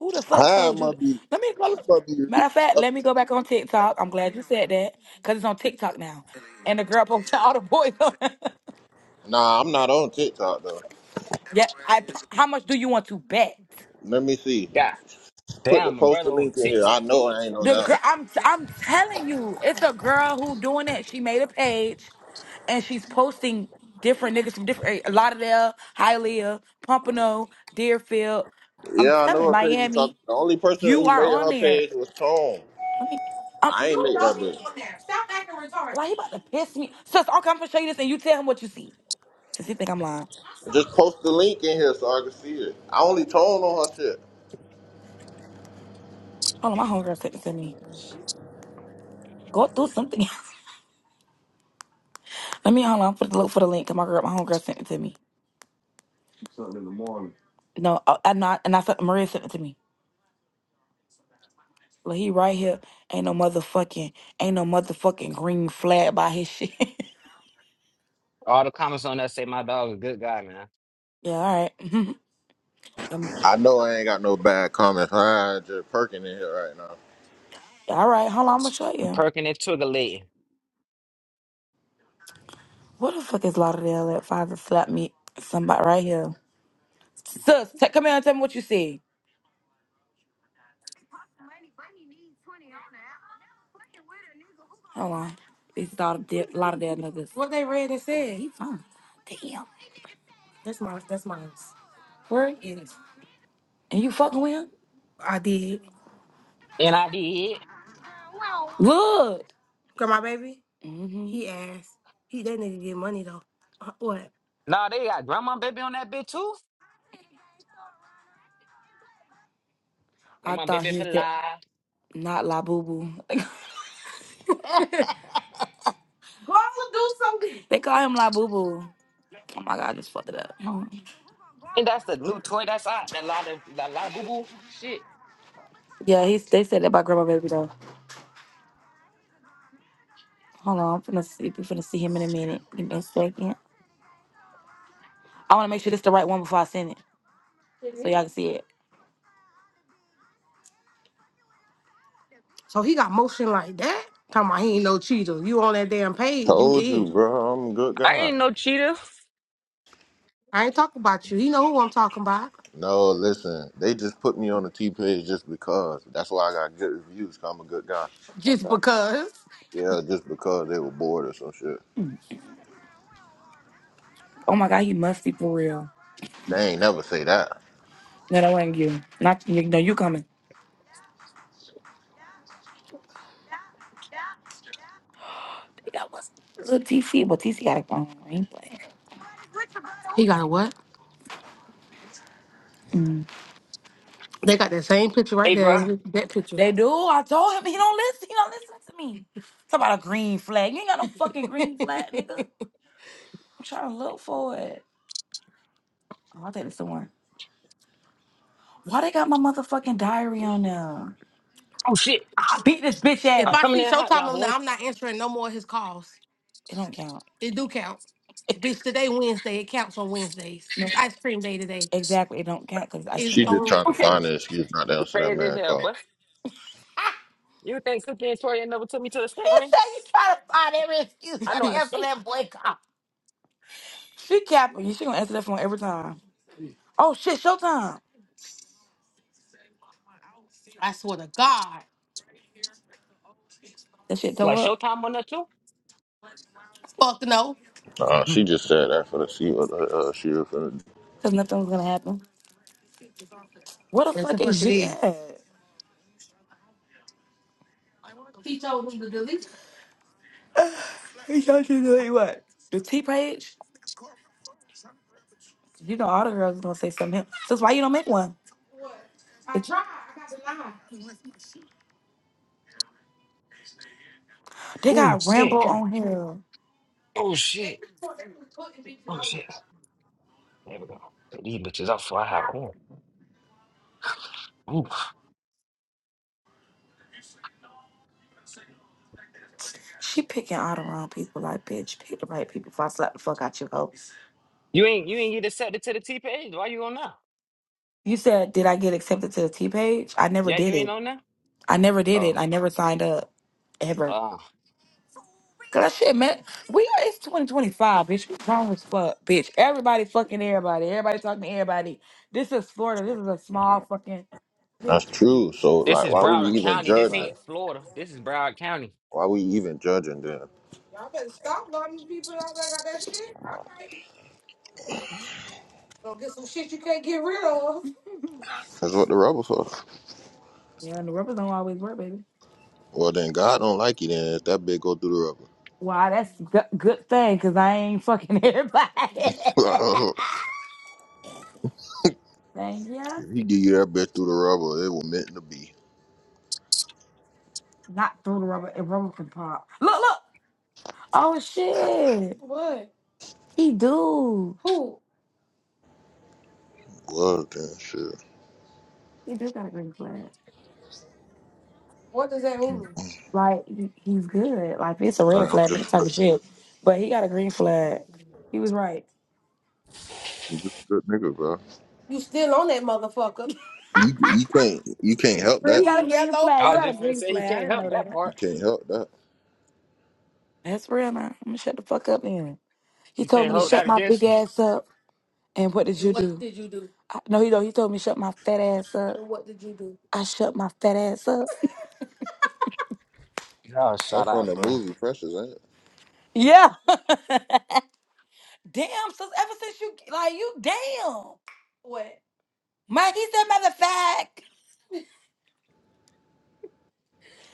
Speaker 4: Who the fuck
Speaker 3: Hi,
Speaker 4: told you? That?
Speaker 3: must be
Speaker 4: Let me go.
Speaker 3: she must be
Speaker 4: Matter
Speaker 3: reading
Speaker 4: of fact,
Speaker 3: another.
Speaker 4: let me go back on TikTok. I'm glad you said that because it's on TikTok now. And the girl posted all the boys. on-
Speaker 3: Nah, I'm not on TikTok though.
Speaker 4: yeah. I, how much do you want to bet?
Speaker 3: Let me see.
Speaker 1: God
Speaker 3: Put the
Speaker 1: damn, my
Speaker 3: post
Speaker 1: brother
Speaker 3: the
Speaker 1: on
Speaker 3: link in here. I
Speaker 1: TikTok
Speaker 3: know
Speaker 1: too.
Speaker 3: I ain't on
Speaker 4: The
Speaker 3: that.
Speaker 4: girl, I'm I'm telling you, it's a girl who doing it. She made a page, and she's posting different niggas from different eh, Lauderdale, Hialeah, Pompano, Deerfield. I'm
Speaker 3: Yeah, I know
Speaker 4: telling
Speaker 3: her page you talking.
Speaker 4: Miami,
Speaker 3: The only person
Speaker 4: you
Speaker 3: who
Speaker 4: are
Speaker 3: made
Speaker 4: on
Speaker 3: her
Speaker 4: there.
Speaker 3: page was Tone.
Speaker 4: Let me. I'm,
Speaker 3: I ain't
Speaker 4: you
Speaker 3: make that
Speaker 4: know you
Speaker 3: bitch.
Speaker 4: on there. Stop acting retarded. Why he about to piss me? Sis, okay, I'm gonna show you this, and you tell him what you see. Since he think I'm lying. I saw
Speaker 3: Just
Speaker 4: it.
Speaker 3: post the link in here so I can see it. I only tone on her shit.
Speaker 4: Hold on, my homegirl sent it to me. Go through something. Let me hold on. I'm finna look for the link. 'cause My girl, my homegirl sent it to me. No, uh, I, I'm not. And I said Maria sent it to me. Look, he right here. Ain't no motherfucking, ain't no motherfucking green flag by his shit.
Speaker 1: All the comments on that say my dog a good guy, man.
Speaker 4: yeah, all right. um,
Speaker 3: I know I ain't got no bad comments. I just perking in here right now.
Speaker 4: all right, hold on, I'm gonna show you.
Speaker 1: Perking and Twigger lady.
Speaker 4: Where the fuck is Lauderdale at? Father slapped me. Somebody right here. Sus, t- come here and tell me what you see. Hold on. These Lauderdale, Lauderdale niggas. What they read and said, he fine. That's mine. That's mine. Where? is it? And you fucking with him? I did.
Speaker 1: NIV.
Speaker 4: Good. Got my baby? hmm He asked. He that nigga get money though. Uh, What?
Speaker 1: Nah, they got grandma baby on that bitch too.
Speaker 4: I
Speaker 1: Grandma
Speaker 4: thought
Speaker 1: baby
Speaker 4: he
Speaker 1: for
Speaker 4: was
Speaker 1: life.
Speaker 4: Not La Boo Boo. Go do something. They call him La Boo Boo. Oh my god, I just fucked it up. Hold on.
Speaker 1: And that's the new toy that's out. That lot of that lot of boo boo shit.
Speaker 4: Yeah, he's, they said that about Grandma Baby though. Hold on, I'm finna see, we finna see him in a minute. Give me a second. I wanna make sure this the right one before I send it, so y'all can see it. So he got motion like that? Talking about he ain't no cheater. You on that damn page, you
Speaker 3: Told you,
Speaker 4: is.
Speaker 3: bro. I'm a good
Speaker 1: I
Speaker 3: guy.
Speaker 1: ain't no cheater.
Speaker 4: I ain't talking about you. He know who I'm talking about.
Speaker 3: No, listen, they just put me on the T page just because. That's why I got good reviews. i I'm a good guy.
Speaker 4: Just because.
Speaker 3: Yeah, just because they were bored or some shit.
Speaker 4: Oh my god, he must be for real.
Speaker 3: They ain't never say that.
Speaker 4: No, that wasn't you. Not you. No, you coming. That was little TC, but TC got a phone. I ain't playing. He got a what? Mm. They got that same picture right
Speaker 1: Hey, bro.
Speaker 4: there. That picture. They do. I told him he don't listen. He don't listen to me. Talk about a green flag. You ain't got no fucking green flag, nigga. I'm trying to look for it. Oh, I'll take this somewhere. Why they got my motherfucking diary on there?
Speaker 1: Oh, shit.
Speaker 4: I beat this bitch if ass.
Speaker 1: I'm
Speaker 4: I
Speaker 1: coming
Speaker 4: see
Speaker 1: in hot,
Speaker 4: Showtime
Speaker 1: y'all
Speaker 4: on there, I'm not
Speaker 1: boys.
Speaker 4: answering no more of his calls. It don't count. It do count. Bitch, today Wednesday. It counts on Wednesdays. No, It's ice cream day today. exactly. It don't count because it's ice It's cream
Speaker 3: She
Speaker 4: day.
Speaker 3: just
Speaker 4: on
Speaker 3: trying to
Speaker 1: Okay.
Speaker 3: find an excuse not to answer that
Speaker 1: Crazy as
Speaker 3: man
Speaker 1: hell,
Speaker 3: call.
Speaker 1: but you think Cookie and Tori never took me to the skate ring? I
Speaker 4: Try
Speaker 1: know
Speaker 4: to
Speaker 1: how to
Speaker 4: answer.
Speaker 1: skate.
Speaker 4: She capping. You. She gonna answer that phone every time. Oh shit, showtime. I swear to God. That shit go
Speaker 1: What,
Speaker 4: up
Speaker 1: Showtime on that, too?
Speaker 4: Fuck no.
Speaker 3: Nah, she
Speaker 1: Mhm.
Speaker 3: just said that for the see what uh, uh, she was finna do.
Speaker 4: because nothing was gonna happen. What the Yes, fuck the is fuck is it G is. at? He told him to delete. it. He told you to do what? The T page. You know all the girls gonna say something. else. So that's why you don't make one. I It- tried. I got They
Speaker 1: Ooh,
Speaker 4: got Rambo
Speaker 1: shit.
Speaker 4: on here.
Speaker 1: Oh, shit.
Speaker 4: Every
Speaker 1: Oh, shit. There we go. Take These bitches off before I have on. Ooh.
Speaker 4: She picking all the wrong people. Like, bitch, pick the right people before I slap the fuck out you, hoe.
Speaker 1: You ain't you ain't get accepted to the T page. Why you on now?
Speaker 4: You said, did I get accepted to the T page? I never
Speaker 1: Yeah,
Speaker 4: did
Speaker 1: you ain't
Speaker 4: it.
Speaker 1: on now?
Speaker 4: I never did it.
Speaker 1: Oh.
Speaker 4: I never signed up ever.
Speaker 1: Uh,
Speaker 4: Cause that shit, man. We are it's 2025, bitch. We grown as fuck, bitch. Everybody fucking everybody. Everybody talking to everybody. This is Florida. This is a small fucking
Speaker 3: That's
Speaker 4: bitch. Ooh,
Speaker 3: true. So
Speaker 1: this
Speaker 3: like,
Speaker 1: is
Speaker 3: why we
Speaker 1: Broward
Speaker 3: even
Speaker 1: County.
Speaker 4: it's
Speaker 1: This
Speaker 3: judging?
Speaker 4: Florida.
Speaker 1: ain't Florida. This is Broward County.
Speaker 3: Why we even judging then?
Speaker 4: Y'all better stop loving people out that got that shit. All right. Go get some shit you can't get rid of.
Speaker 3: That's what the rubber for.
Speaker 4: Yeah, and the rubbers don't always work, baby.
Speaker 3: Well, then God don't like you then if that bitch go through
Speaker 4: Wow, that's a good thing, cause I ain't fucking everybody.
Speaker 3: the rubber.
Speaker 4: Thank ya.
Speaker 3: if he give you that bitch through the rubber, it was meant to be.
Speaker 4: Not through the rubber. It rubber can pop. Look, look. Oh shit. What? He do.
Speaker 3: Well, then shit.
Speaker 4: He do got a green flag. What does that mean? Like he- he's good. Like it's a red
Speaker 3: Like, I'm
Speaker 4: flag that
Speaker 3: just
Speaker 4: type of shit. But he got a green flag. He was right.
Speaker 3: He's just a good nigga, bro.
Speaker 4: You still on that motherfucker.
Speaker 3: You you can't you can't help
Speaker 4: You Green,
Speaker 3: that.
Speaker 4: got a
Speaker 3: bro.
Speaker 4: Green, yellow, flag.
Speaker 1: I
Speaker 4: You
Speaker 1: was
Speaker 4: got a
Speaker 1: just
Speaker 4: purple.
Speaker 1: finna
Speaker 4: green
Speaker 1: say he
Speaker 4: flag. I
Speaker 1: can't
Speaker 4: didn't know
Speaker 1: help that
Speaker 4: that.
Speaker 3: You
Speaker 1: part.
Speaker 3: can't help that.
Speaker 4: That's real now. I'm gonna shut the fuck up then. He
Speaker 1: You
Speaker 4: told
Speaker 1: can't
Speaker 4: me to
Speaker 3: Yeah,
Speaker 1: hold
Speaker 4: shut
Speaker 1: that
Speaker 4: my big
Speaker 1: against him.
Speaker 4: ass up. And what did you what do? did you do? I, no, he don't. He told me to shut my fat ass up. And what did you do? I shut my fat ass up.
Speaker 1: Oh,
Speaker 3: that's
Speaker 1: shut
Speaker 3: from
Speaker 1: up,
Speaker 3: the
Speaker 1: bro.
Speaker 3: movie Precious, ain't it?
Speaker 4: Yeah. damn. Since ever since you like you damn. What? Mike, he said, matter of fact,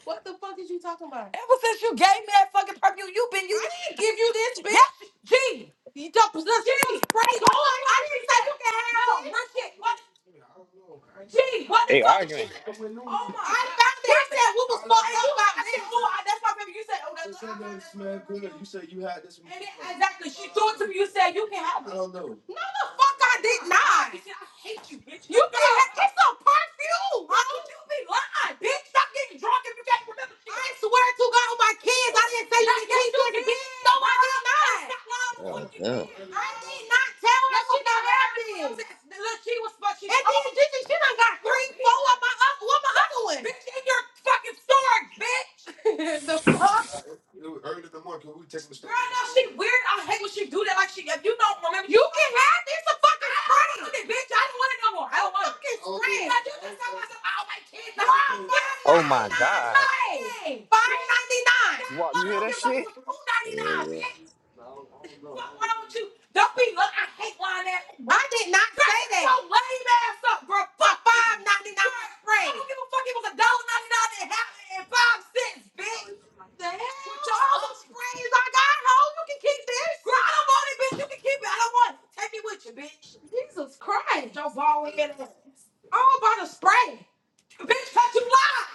Speaker 4: What the fuck is you talking about? ever since you gave me that fucking perfume, you been using I didn't give you this, Yeah, bitch. Yes, G. You don't possess some Gee, spray. go on fuck my she said you can have? bitch. What shit? What? G, what the
Speaker 1: They
Speaker 4: fuck did she
Speaker 1: arguing.
Speaker 4: say? Oh my I found That it. I said we was fucked up about this. Oh, I- that's why, baby. You said, oh, that's that's the shit to me. You said you can have it. no, the fuck I did Oh not. I hate you, bitch. You You have know. Why don't you be lying, bitch? Stop getting drunk if you can't remember shit. I swear to God, on my kids, I didn't say you yes, keep doing it. bitch. No, I did not.
Speaker 3: God damn.
Speaker 4: I did not tell her yes, she not happened. Look, she was fucking. And then Gigi, she done got three, four of my other, what my other one? Bitch, in your fucking storage, bitch. the fuck? she weird. I hate when she do that. Like she, if you don't remember, you can have this. A fucking friend, bitch. I don't want it no more. I don't want it. Fucking friend. I just okay. tell myself, oh my kids. No, five
Speaker 1: Oh
Speaker 4: ninety
Speaker 1: my God.
Speaker 4: nine. Five ninety nine.
Speaker 1: Wop,
Speaker 4: I
Speaker 1: you hear
Speaker 4: don't
Speaker 1: that
Speaker 4: give a fuck. It
Speaker 1: shit?
Speaker 4: was two ninety
Speaker 3: Yeah,
Speaker 4: nine,
Speaker 3: yeah,
Speaker 4: bitch. Why, why don't you? Don't be look. I hate lying ass. I did not Girl, say that. Your lame ass up, bro. Fuck five ninety nine spread. I don't give a fuck. It was a dollar ninety nine and half and five cents, bitch. The hell? With your other sprays I got, hoe, you can keep this. Girl, I don't want it, bitch. You can keep it. I don't want it. Take me with you, bitch. Jesus Christ, your bald head ass. All about a spray. Bitch, cause you lied.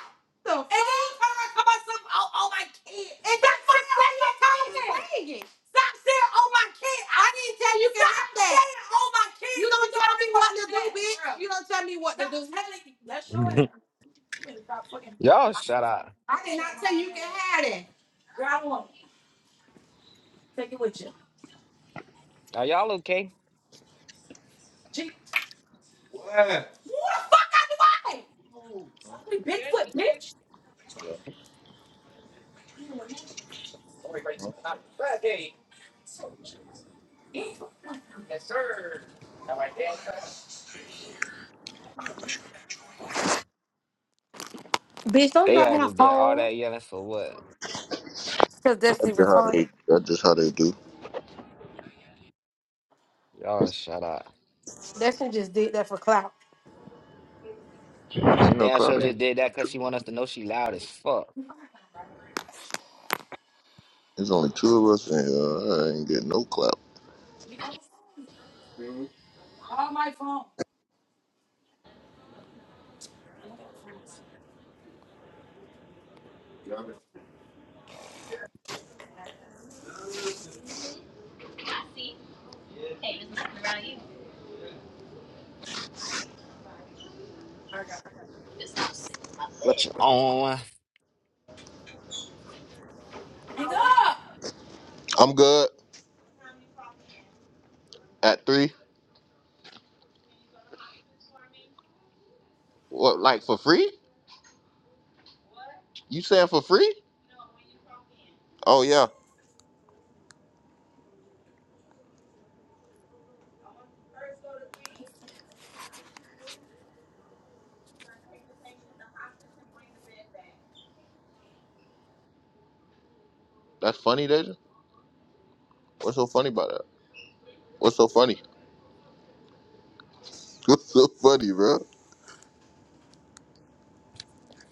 Speaker 4: The fuck? and then you turn around and talk about some, oh, oh, my kid. And that's what the fuck you Stop saying, oh my kid. I didn't tell you can have that. Stop saying, oh my kid. You don't tell me what to do, bitch. You don't tell me what to do. Stop telling- That's your ass. You better stop fucking.
Speaker 1: Y'all shut up.
Speaker 4: I did not tell you can have. it. Girl, I don't want it. Take it with you.
Speaker 1: Are y'all okay?
Speaker 4: Gee, who the fuck I do I? Fucking Bigfoot, bitch.
Speaker 3: yeah.
Speaker 4: Bitch, don't
Speaker 1: They
Speaker 4: drop
Speaker 1: had
Speaker 4: my
Speaker 1: to did all
Speaker 4: phone.
Speaker 1: that yelling for what?
Speaker 4: Cause Destiny
Speaker 3: That's just how
Speaker 4: retarded.
Speaker 3: they. That's just how they do.
Speaker 1: Y'all shut up.
Speaker 4: Destiny just did that for clout.
Speaker 1: She
Speaker 3: You know,
Speaker 1: damn sure
Speaker 3: Cloud ain't
Speaker 1: just did
Speaker 3: only
Speaker 1: that because
Speaker 3: two.
Speaker 1: she want us to know she loud as fuck.
Speaker 3: There's only two of us, and uh, I ain't getting no clap.
Speaker 4: Gee, come on. Oh, my phone. I got it.
Speaker 1: What you on?
Speaker 4: Hang up.
Speaker 3: I'm good at three. What, like for free? You saying for free? Oh yeah, that's funny, Deja. What's so funny about that? What's so funny? What's so funny, bro?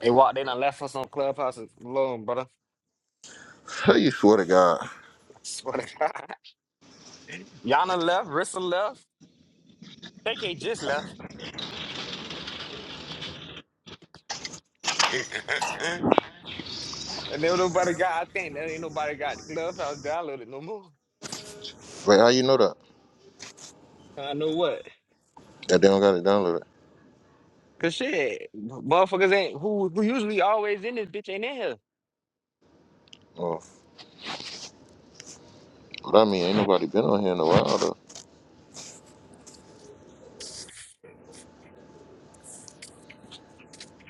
Speaker 1: They walked in and left us on Clubhouse alone, brother.
Speaker 3: How you swear to God?
Speaker 1: I swear to God. Yana left, Rissa left, KK just left. and then nobody got, I think, there ain't nobody got the Clubhouse downloaded no more.
Speaker 3: Wait, how you know that?
Speaker 1: I know what.
Speaker 3: That they don't got to download it.
Speaker 1: Cause shit, motherfuckers ain't who who usually always in this bitch ain't in here.
Speaker 3: Oh. But I mean, ain't nobody been on here in a while though.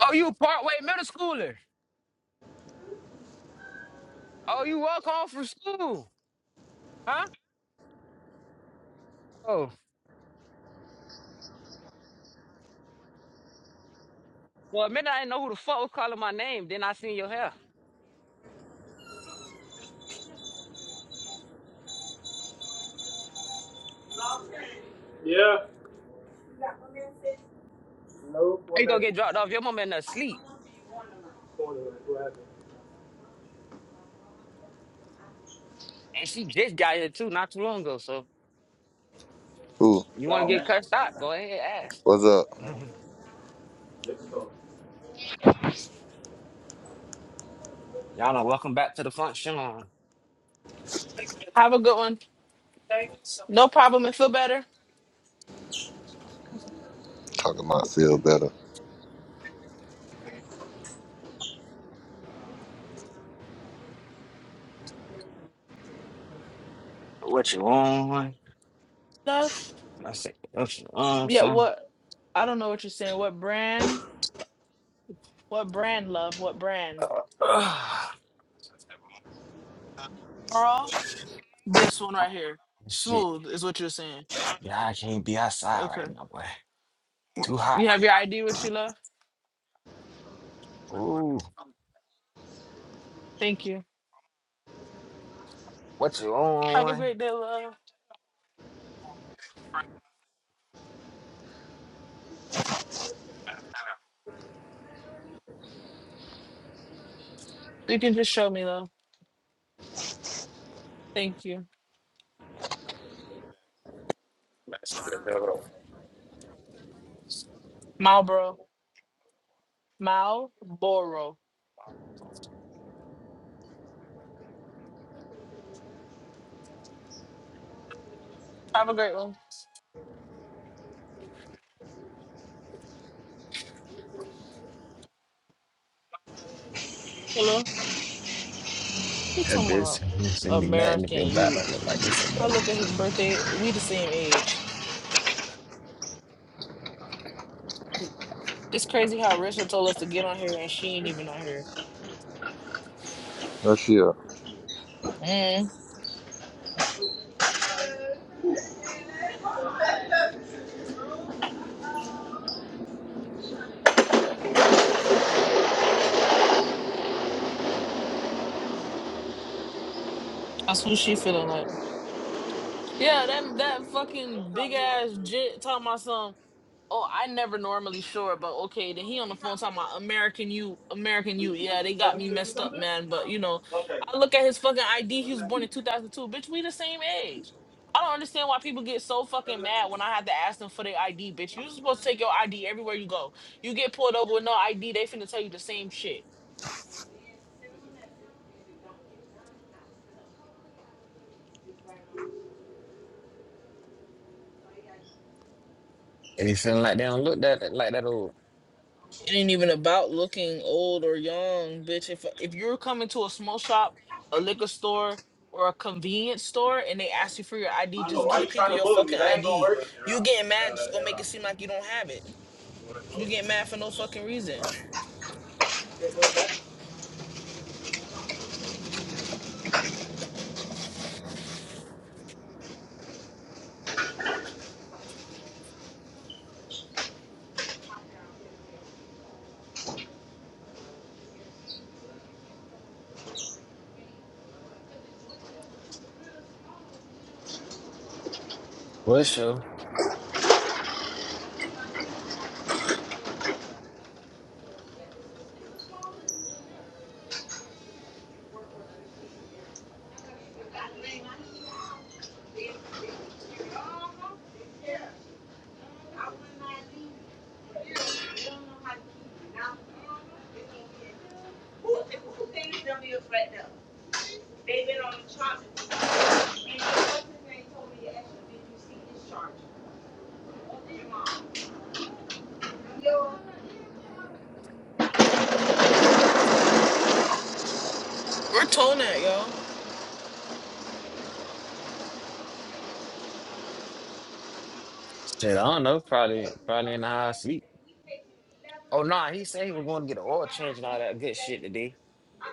Speaker 1: Oh, you partway middle schooler. Oh, you walk home from school, huh? Oh, well, a minute I didn't know who the fuck was calling my name. Then I seen your hair.
Speaker 3: Yeah. No
Speaker 1: How
Speaker 3: one
Speaker 1: you gonna
Speaker 3: mentioned
Speaker 1: get dropped off? Your mom in her sleep,
Speaker 3: Who happened?
Speaker 1: and she just got here too, not too long ago. So
Speaker 3: Who?
Speaker 1: you want to
Speaker 3: Gone,
Speaker 1: get
Speaker 3: man.
Speaker 1: cussed out? Go ahead, ask.
Speaker 3: What's up? Let's go.
Speaker 1: Y'all know. Welcome back to the function.
Speaker 2: Have a good one. No problem and feel better.
Speaker 3: Talking about feel better.
Speaker 1: What you want?
Speaker 2: Love.
Speaker 1: I said, what you want,
Speaker 2: Yeah.
Speaker 1: son?
Speaker 2: What? I don't know what you're saying. What brand? What brand? Love. What brand? Bra. This one right here.
Speaker 1: Shit.
Speaker 2: Smooth is what you're saying.
Speaker 1: Yeah, I can't be outside
Speaker 2: Okay.
Speaker 1: right now, boy. Too hot.
Speaker 2: You have your ID with you, love?
Speaker 1: Ooh,
Speaker 2: Thank you.
Speaker 1: what you
Speaker 2: Have a
Speaker 1: on?
Speaker 2: great day, love. You can just show me, love. Thank you. Marlboro. Marlboro. Have a great one. Hello? He
Speaker 1: That
Speaker 2: talking
Speaker 1: bitch
Speaker 2: about
Speaker 1: don't send me nothing if
Speaker 2: American
Speaker 1: your back
Speaker 2: youth.
Speaker 1: don't look like this or
Speaker 2: I
Speaker 1: better.
Speaker 2: look at his birthday. We the same age. It's crazy how Risha told us to get on here and she ain't even on here.
Speaker 3: Where she up?
Speaker 2: Mm, that's who she feeling like. Yeah, that that fucking big ass jit talking about some. Oh, I never normally sure, but okay. Then he on the phone talking about American you, American
Speaker 3: Did you,
Speaker 2: you.
Speaker 3: did you
Speaker 2: Yeah, they
Speaker 3: tell
Speaker 2: got
Speaker 3: me
Speaker 2: me
Speaker 3: to do
Speaker 2: messed up,
Speaker 3: something?
Speaker 2: man. But you know,
Speaker 3: Okay.
Speaker 2: I look at his fucking ID. He was born in 2002. Bitch, we the same age. I don't understand why people get so fucking mad when I have to ask them for their ID, bitch. you supposed to take your ID everywhere you go. You get pulled over with no ID, they finna tell you the same shit.
Speaker 1: And you feeling like they don't look that like that old.
Speaker 2: It ain't even about looking old or young, bitch. If if you're coming to a small shop, a liquor store, or a convenience store, and they ask you for your ID,
Speaker 3: I know.
Speaker 2: just
Speaker 3: Why
Speaker 2: get the
Speaker 3: you
Speaker 2: people
Speaker 3: trying to
Speaker 2: your
Speaker 3: bully me?
Speaker 2: fucking
Speaker 3: That ain't gonna
Speaker 2: ID.
Speaker 3: work. Air
Speaker 2: You
Speaker 3: out.
Speaker 2: getting mad just gonna
Speaker 3: air
Speaker 2: make it
Speaker 3: out.
Speaker 2: seem like you don't have it. You getting mad for no fucking reason.
Speaker 1: Well, sure.
Speaker 2: We're tone that, y'all.
Speaker 1: Shit, I don't know. Probably, probably in the high sleep. Oh no, nah, he said he was going to get an oil change and all that good shit today,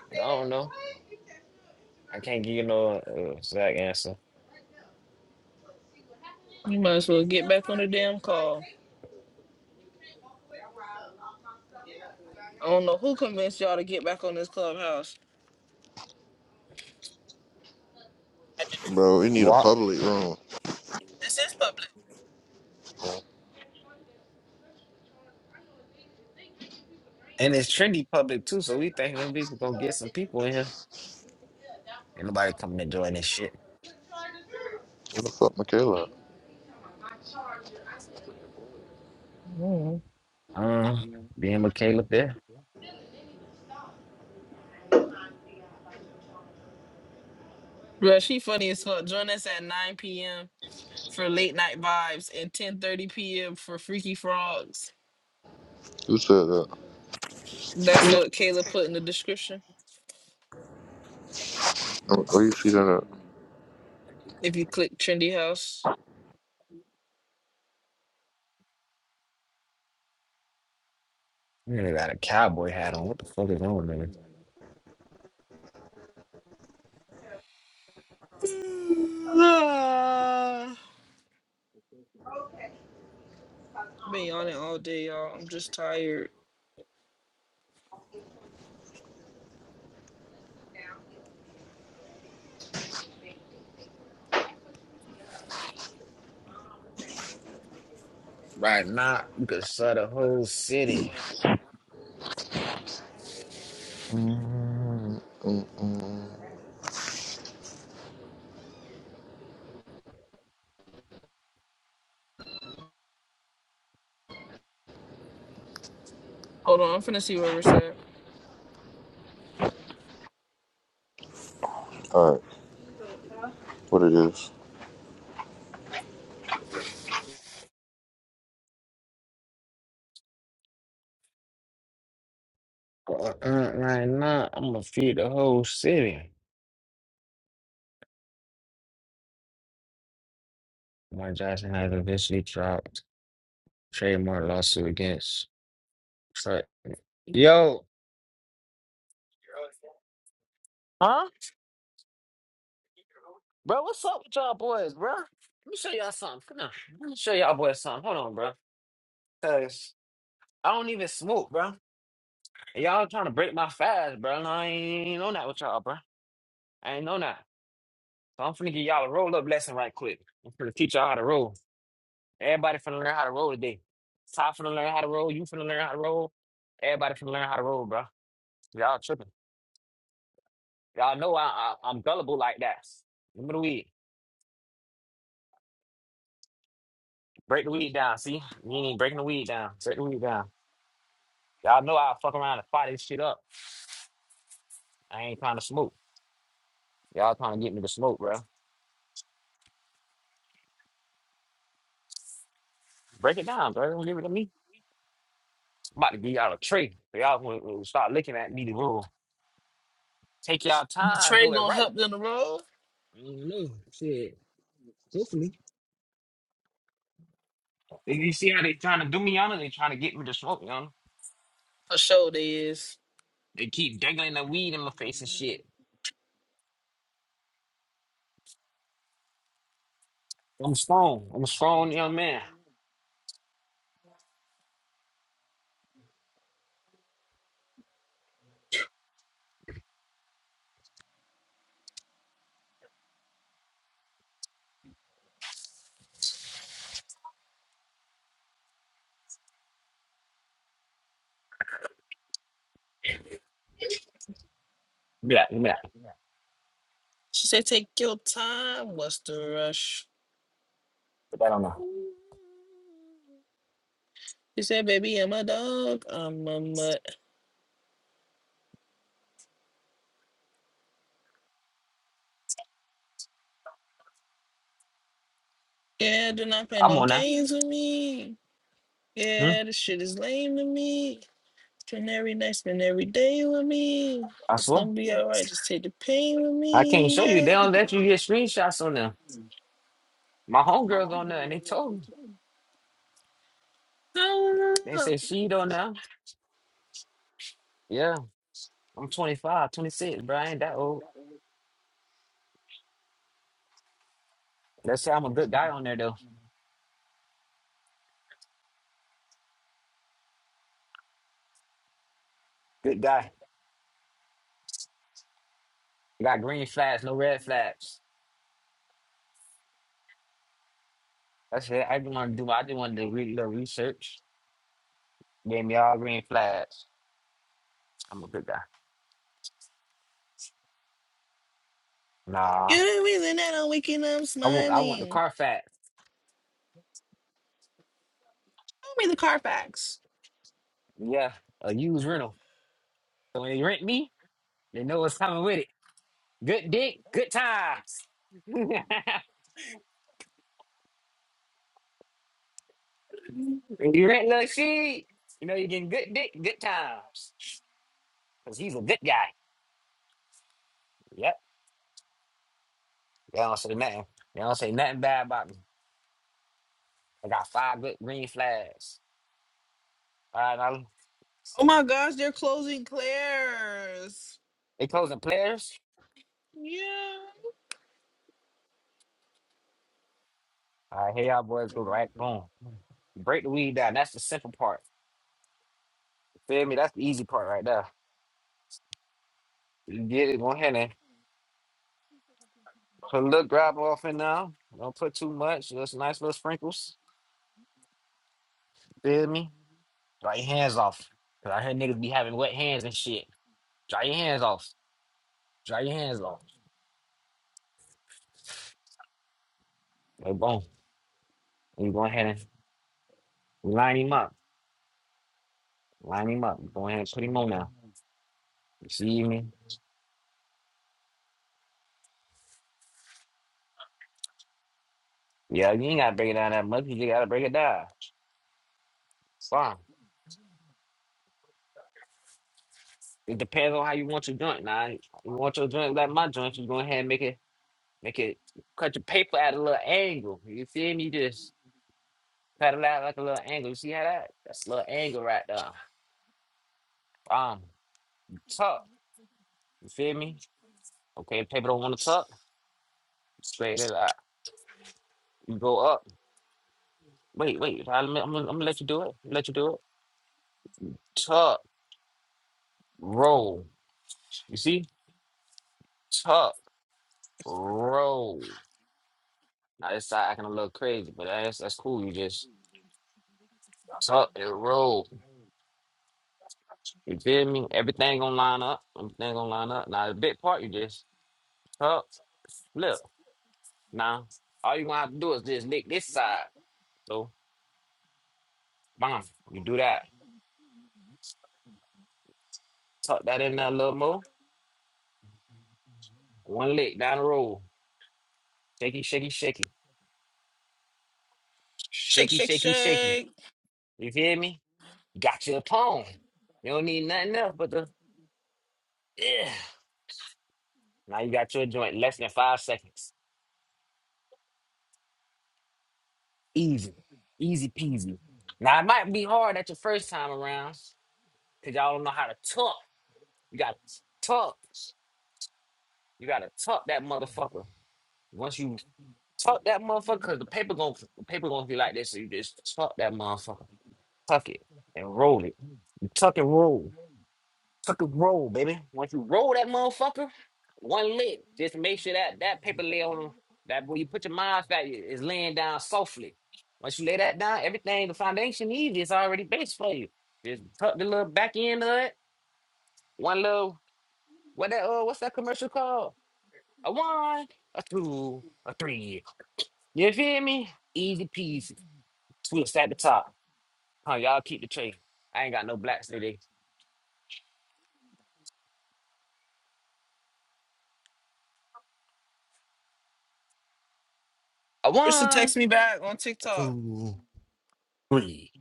Speaker 1: but I don't know. I can't give you no uh, exact answer.
Speaker 2: You might as well get back on the damn call. I don't know who convinced y'all to get back on this clubhouse. I do.
Speaker 3: Bro, we need a
Speaker 1: Well,
Speaker 3: public room.
Speaker 2: This is public.
Speaker 1: and it's trendy public too, so we think them people gonna get some people in here. Ain't nobody coming to join this shit.
Speaker 3: Where the fuck Michaela? at?
Speaker 2: mm
Speaker 1: Um, being with Caleb there.
Speaker 2: Bruh, she funny as fuck. Join us at 9 p.m. for late night vibes and 10:30 p.m. for Freaky Frogs.
Speaker 3: Who said that?
Speaker 2: That's what Kayla put in the description.
Speaker 3: Oh, Where you see that at?
Speaker 2: If you click Trendy House,
Speaker 1: Nigga got a cowboy hat on. What the fuck is on there?
Speaker 2: been yawning all day, y'all. I'm just tired.
Speaker 1: Right now, you could sell the whole city.
Speaker 3: Mm, mm, mm.
Speaker 2: Hold on, I'm finna see where we're at.
Speaker 3: Alright, what it is.
Speaker 1: Uh, uh, right now, I'm gonna feed the whole city. Mike Johnson has eventually dropped trademark lawsuit against Trump. Yo, Huh? Bro, what's up with y'all boys, bro? Let me show y'all something. Come on. Let me show y'all boys something. Hold on, bro. Cause I don't even smoke, bro. And Y'all trying to break my fast, bro. And I ain't on that with y'all, bro. I ain't on that. So I'm finna give y'all a roll up lesson right quick. I'm finna teach y'all how to roll. Everybody finna learn how to roll today. Ty finna learn how to roll. You finna learn how to roll. Everybody finna learn how to roll, bro. Y'all tripping. Y'all know I, I I'm gullible like that. Remember the weed. Break the weed down. See, you ain't breaking the weed down. Break the weed down. Y'all know I'll fuck around and fire this shit up. I ain't trying to smoke. Y'all trying to get me to smoke, bro. Break it down, bro. Don't give it to me. I'm about to give y'all a tree. So y'all will, will start looking at me the rule. Take y'all
Speaker 2: The
Speaker 1: time,
Speaker 2: tray
Speaker 1: do it
Speaker 2: gonna
Speaker 1: right.
Speaker 2: help them to roll?
Speaker 1: I don't know. Shit. Hopefully. You you see how they trying to do me on it? They trying to get me to smoke, you know?
Speaker 2: For sure they is.
Speaker 1: They keep dangling the weed in my face and shit. I'm strong. I'm a strong young man. Give me that. Give me that.
Speaker 2: She said, "Take your time. What's the rush?"
Speaker 1: Put that on now.
Speaker 2: She said, "Baby, I'm a dog. I'm a mutt. Yeah, do not play
Speaker 1: I'm
Speaker 2: no
Speaker 1: on that.
Speaker 2: games with me.
Speaker 1: Hmm?
Speaker 2: Yeah, this shit is lame to me. Spend every night, spend every day with me.
Speaker 1: I
Speaker 2: It's
Speaker 1: swear.
Speaker 2: gonna be alright. Just take the pain with
Speaker 1: I can't
Speaker 2: me.
Speaker 1: show you.
Speaker 2: Yeah.
Speaker 1: They don't let you get screenshots on them. My homegirls on there and they told me.
Speaker 2: Oh,
Speaker 1: They say she don't know. Yeah, I'm 25, 26, bro. I ain't that old. Let's say I'm a good guy on there though. Good guy. got green flags, no red flags. That's it. I just want to do. I just want to read little research. Gave me all green flags. I'm a good guy. Nah,
Speaker 2: You're the reason that I'm waking up
Speaker 1: I want. I want the
Speaker 2: smiling.
Speaker 1: car facts.
Speaker 2: Show me the Carfax.
Speaker 1: Yeah, a used rental. So when they rent me, they know what's coming with it. Good dick, good times. when you rent little shit, you know you're getting good dick, good times. Cause he's a good guy. Yeah. They don't say nothing. They don't say nothing bad about me. I got five good green flags. All right, now
Speaker 2: Oh my gosh, they're closing Claire's.
Speaker 1: they closing players.
Speaker 2: Yeah.
Speaker 1: All right, here y'all boys go right. Boom. You break the weed down. That's the simple part. You feel me? That's the easy part right there. You get it. Go ahead and put a little grab off in now. Don't put too much. Just nice little sprinkles. You feel me? Dry your hands off. Cause I heard niggas be having wet hands and shit. Dry your hands off. Dry your hands off. Like boom. You go ahead and line him up. Line him up. Go ahead and put him on now. You see me? Yeah, you ain't gotta break it down that much. You just gotta break it down. It's fine. It depends on how you want your joint. Now, you want your joint like my joint, you go ahead and make it, make it, cut your paper at a little angle. You feel me? Just cut it out like a little angle. You see how that? That's a little angle right there. Um, tuck. You feel me? Okay, paper don't want to tuck. Straight it out. You go up. Wait, wait. I'm, I'm, gonna- I'm gonna let you do it. Let you do it. Tuck, roll. You see? Tuck, roll. I just start acting a little crazy, but that's that's cool. You just talk and roll. You feel me? Everything gonna line up. Everything gonna line up. Now the big part, you just tuck, flip. Now all you gonna have to do is just lick this side. So bam, you do that. Tuck that in there a little more. One lick down the road. Shaky, shaky, shaky,
Speaker 2: Shake,
Speaker 1: shaky,
Speaker 2: shake,
Speaker 1: shaky, shaky.
Speaker 2: shake.
Speaker 1: You feel me? Got your tone. You don't need nothing else but the yeah. Now you got your joint less than five seconds. Easy. Easy peasy. Now it might be hard at your first time around, cause y'all don't know how to tuck. You gotta tuck. You gotta tuck that motherfucker. Once you tuck that motherfucker, cause the paper gonna the paper gonna be like this, so you just tuck that motherfucker. Tuck it and roll it. You tuck and roll. Fucking roll, baby. Once you roll that motherfucker, one lick, just make sure that that paper lay on that where you put your mind's fat is laying down softly. Once you lay that down, everything the foundation easy is already based for you. Just tuck the little back end of it. One little what that uh what's that commercial called? A one, a two, a three. You feel me? Easy peasy. Twist at the top. Huh, y'all keep the tray. I ain't got no blacks today. A
Speaker 2: Krista
Speaker 1: one,
Speaker 2: text me back on
Speaker 1: a
Speaker 2: TikTok.
Speaker 1: two, three.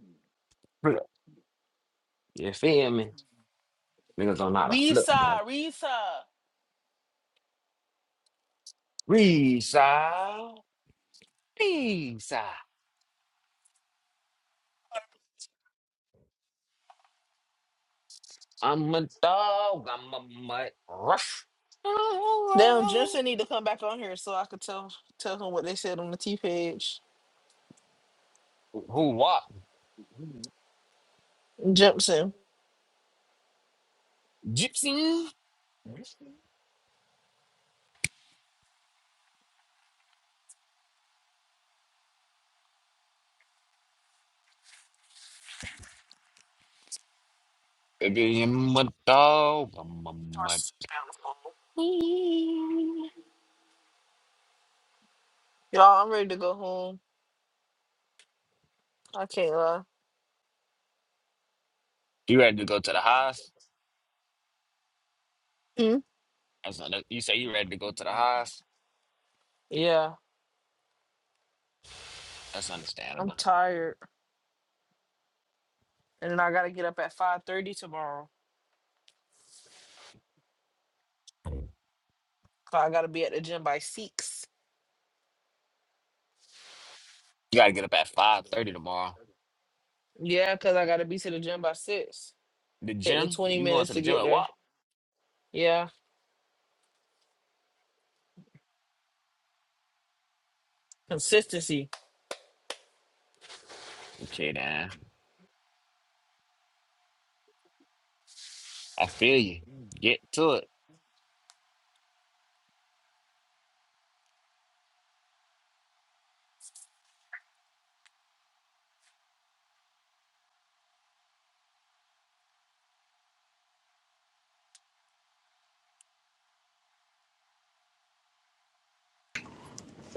Speaker 1: You feel me? Niggas don't know how to flip, man.
Speaker 2: Risa, Risa.
Speaker 1: Peace out. Peace out. I'm a dog. I'm a mutt. Rush.
Speaker 2: Damn, Jimson
Speaker 1: Who
Speaker 2: need to come back on here so I could tell tell him what they said on the T page.
Speaker 1: what?
Speaker 2: Jimson.
Speaker 1: Gypsy. Baby, I'm a dog. I'm a mutt. You
Speaker 2: Y'all, I'm ready to go home. I can't lie.
Speaker 1: ready to go to the house?
Speaker 2: Mm.
Speaker 1: That's under- you say you ready to go to the house?
Speaker 2: Yeah,
Speaker 1: That's
Speaker 2: I'm
Speaker 1: understandable.
Speaker 2: tired, and then I gotta get up at five thirty tomorrow.
Speaker 1: You
Speaker 2: 'Cause I gotta be at the gym by six.
Speaker 1: gotta get up at 5.30 tomorrow.
Speaker 2: Yeah, 'cause I gotta be to the gym by six.
Speaker 1: The
Speaker 2: Take me
Speaker 1: gym?
Speaker 2: twenty
Speaker 1: You going
Speaker 2: minutes
Speaker 1: to the
Speaker 2: to
Speaker 1: gym
Speaker 2: get
Speaker 1: at
Speaker 2: there.
Speaker 1: what?
Speaker 2: Yeah, consistency.
Speaker 1: Okay, then. I feel you. Get to it.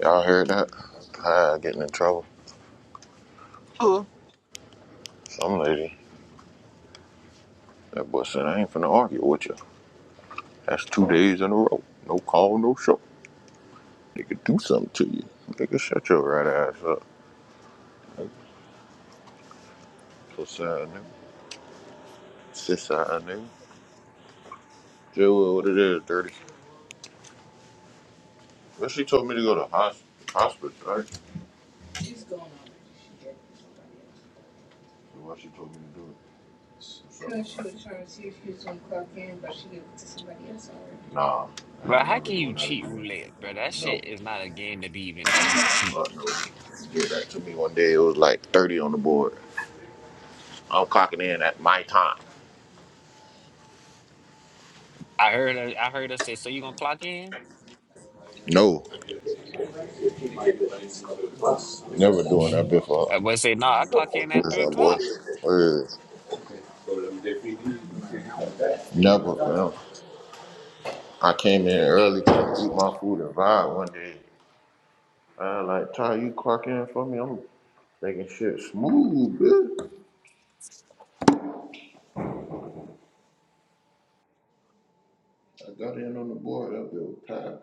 Speaker 3: Y'all heard that? Hi, getting in trouble. Some lady. That boy said, I ain't finna argue with you. That's two days in a row. No call, no show. Nigga do something to you. Nigga shut your right ass up. So sad, nigga. Sit side, nigga. Tell her what it is, dirty. But she told me to go to hos- hospital, right? So why she told me to do it? Nah, I
Speaker 1: Bro,
Speaker 3: ain't
Speaker 1: how
Speaker 3: never
Speaker 1: can you
Speaker 3: doing that
Speaker 1: cheat
Speaker 3: again.
Speaker 1: roulette, bro? That
Speaker 3: No,
Speaker 1: shit is not a game to be even like you could cheat.
Speaker 3: fuck no. She did that to me one day. It was like 30 on the board. I'm clocking in at my time.
Speaker 1: I heard her, I heard her say, "So you gonna clock in?"
Speaker 3: No, never doing that before.
Speaker 1: I boy say, "No, I clock in at
Speaker 3: What's
Speaker 1: three
Speaker 3: up, boy?
Speaker 1: o'clock."
Speaker 3: What is it? Never, fam. I came in early to eat my food and vibe one day. I like, Ty, you clock in for me? I'm making shit smooth, bitch. I got in on the board. That bitch was tired.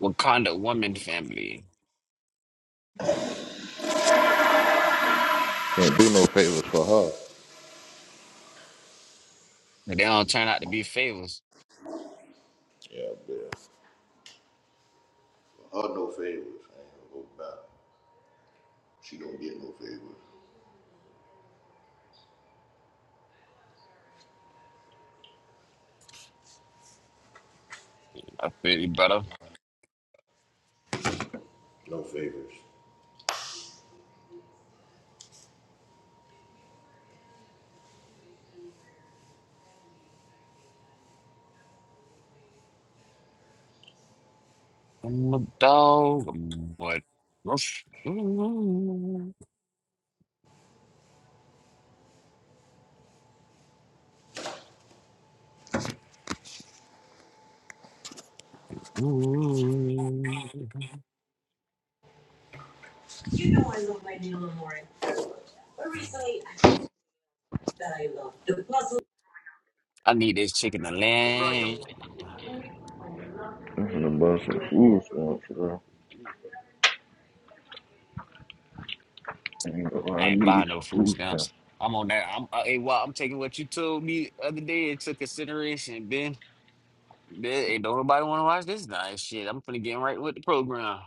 Speaker 1: Wakanda woman family,
Speaker 3: Can't do no favors for her.
Speaker 1: but they don't turn out to be favors.
Speaker 3: Yeah, bitch. For her, no favors. I ain't gonna go back. She don't get no favors.
Speaker 1: I feel you, brother.
Speaker 3: No favors.
Speaker 1: I'm a dog. i What? I need this chicken to land.
Speaker 3: I'm gonna buy some food stamps, bro. I ain't
Speaker 1: I
Speaker 3: I
Speaker 1: ain't
Speaker 3: need
Speaker 1: buying no
Speaker 3: some
Speaker 1: food
Speaker 3: food stamps.
Speaker 1: stamps. I'm on that. I'm uh, hey, well, I'm taking what you told me the other day into consideration, Ben. Ben, hey, don't nobody want to watch this nice shit. I'm finna get right with the program.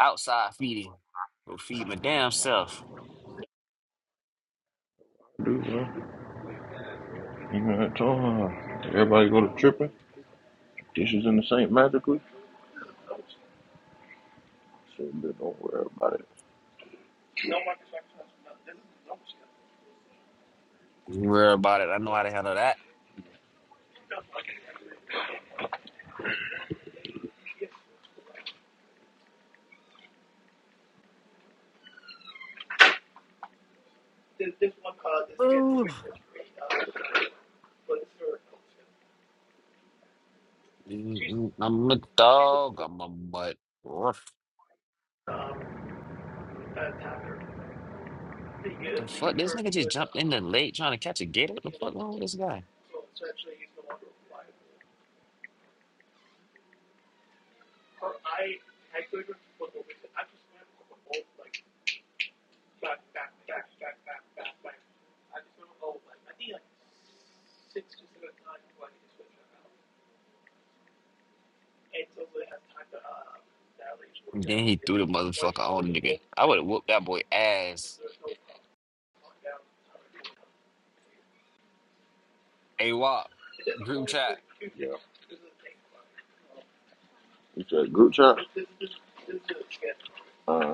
Speaker 1: Outside feeding. Go feed my damn self.
Speaker 3: Dude, bro. You know, I told her, everybody go to tripping.
Speaker 1: Don't
Speaker 3: Dishes in the sink magically. Shit, but don't worry about it.
Speaker 1: Worry about it. I know how to handle that. Mm, I'm a dog. I'm a mutt. Ruff. What the fuck? This nigga just jumped in the lake trying to catch a gator. What the fuck wrong with this guy? then he threw the motherfucker on the nigga. I would have whooped that boy ass. Hey, Wop. Group chat.
Speaker 3: You said group chat? Uh,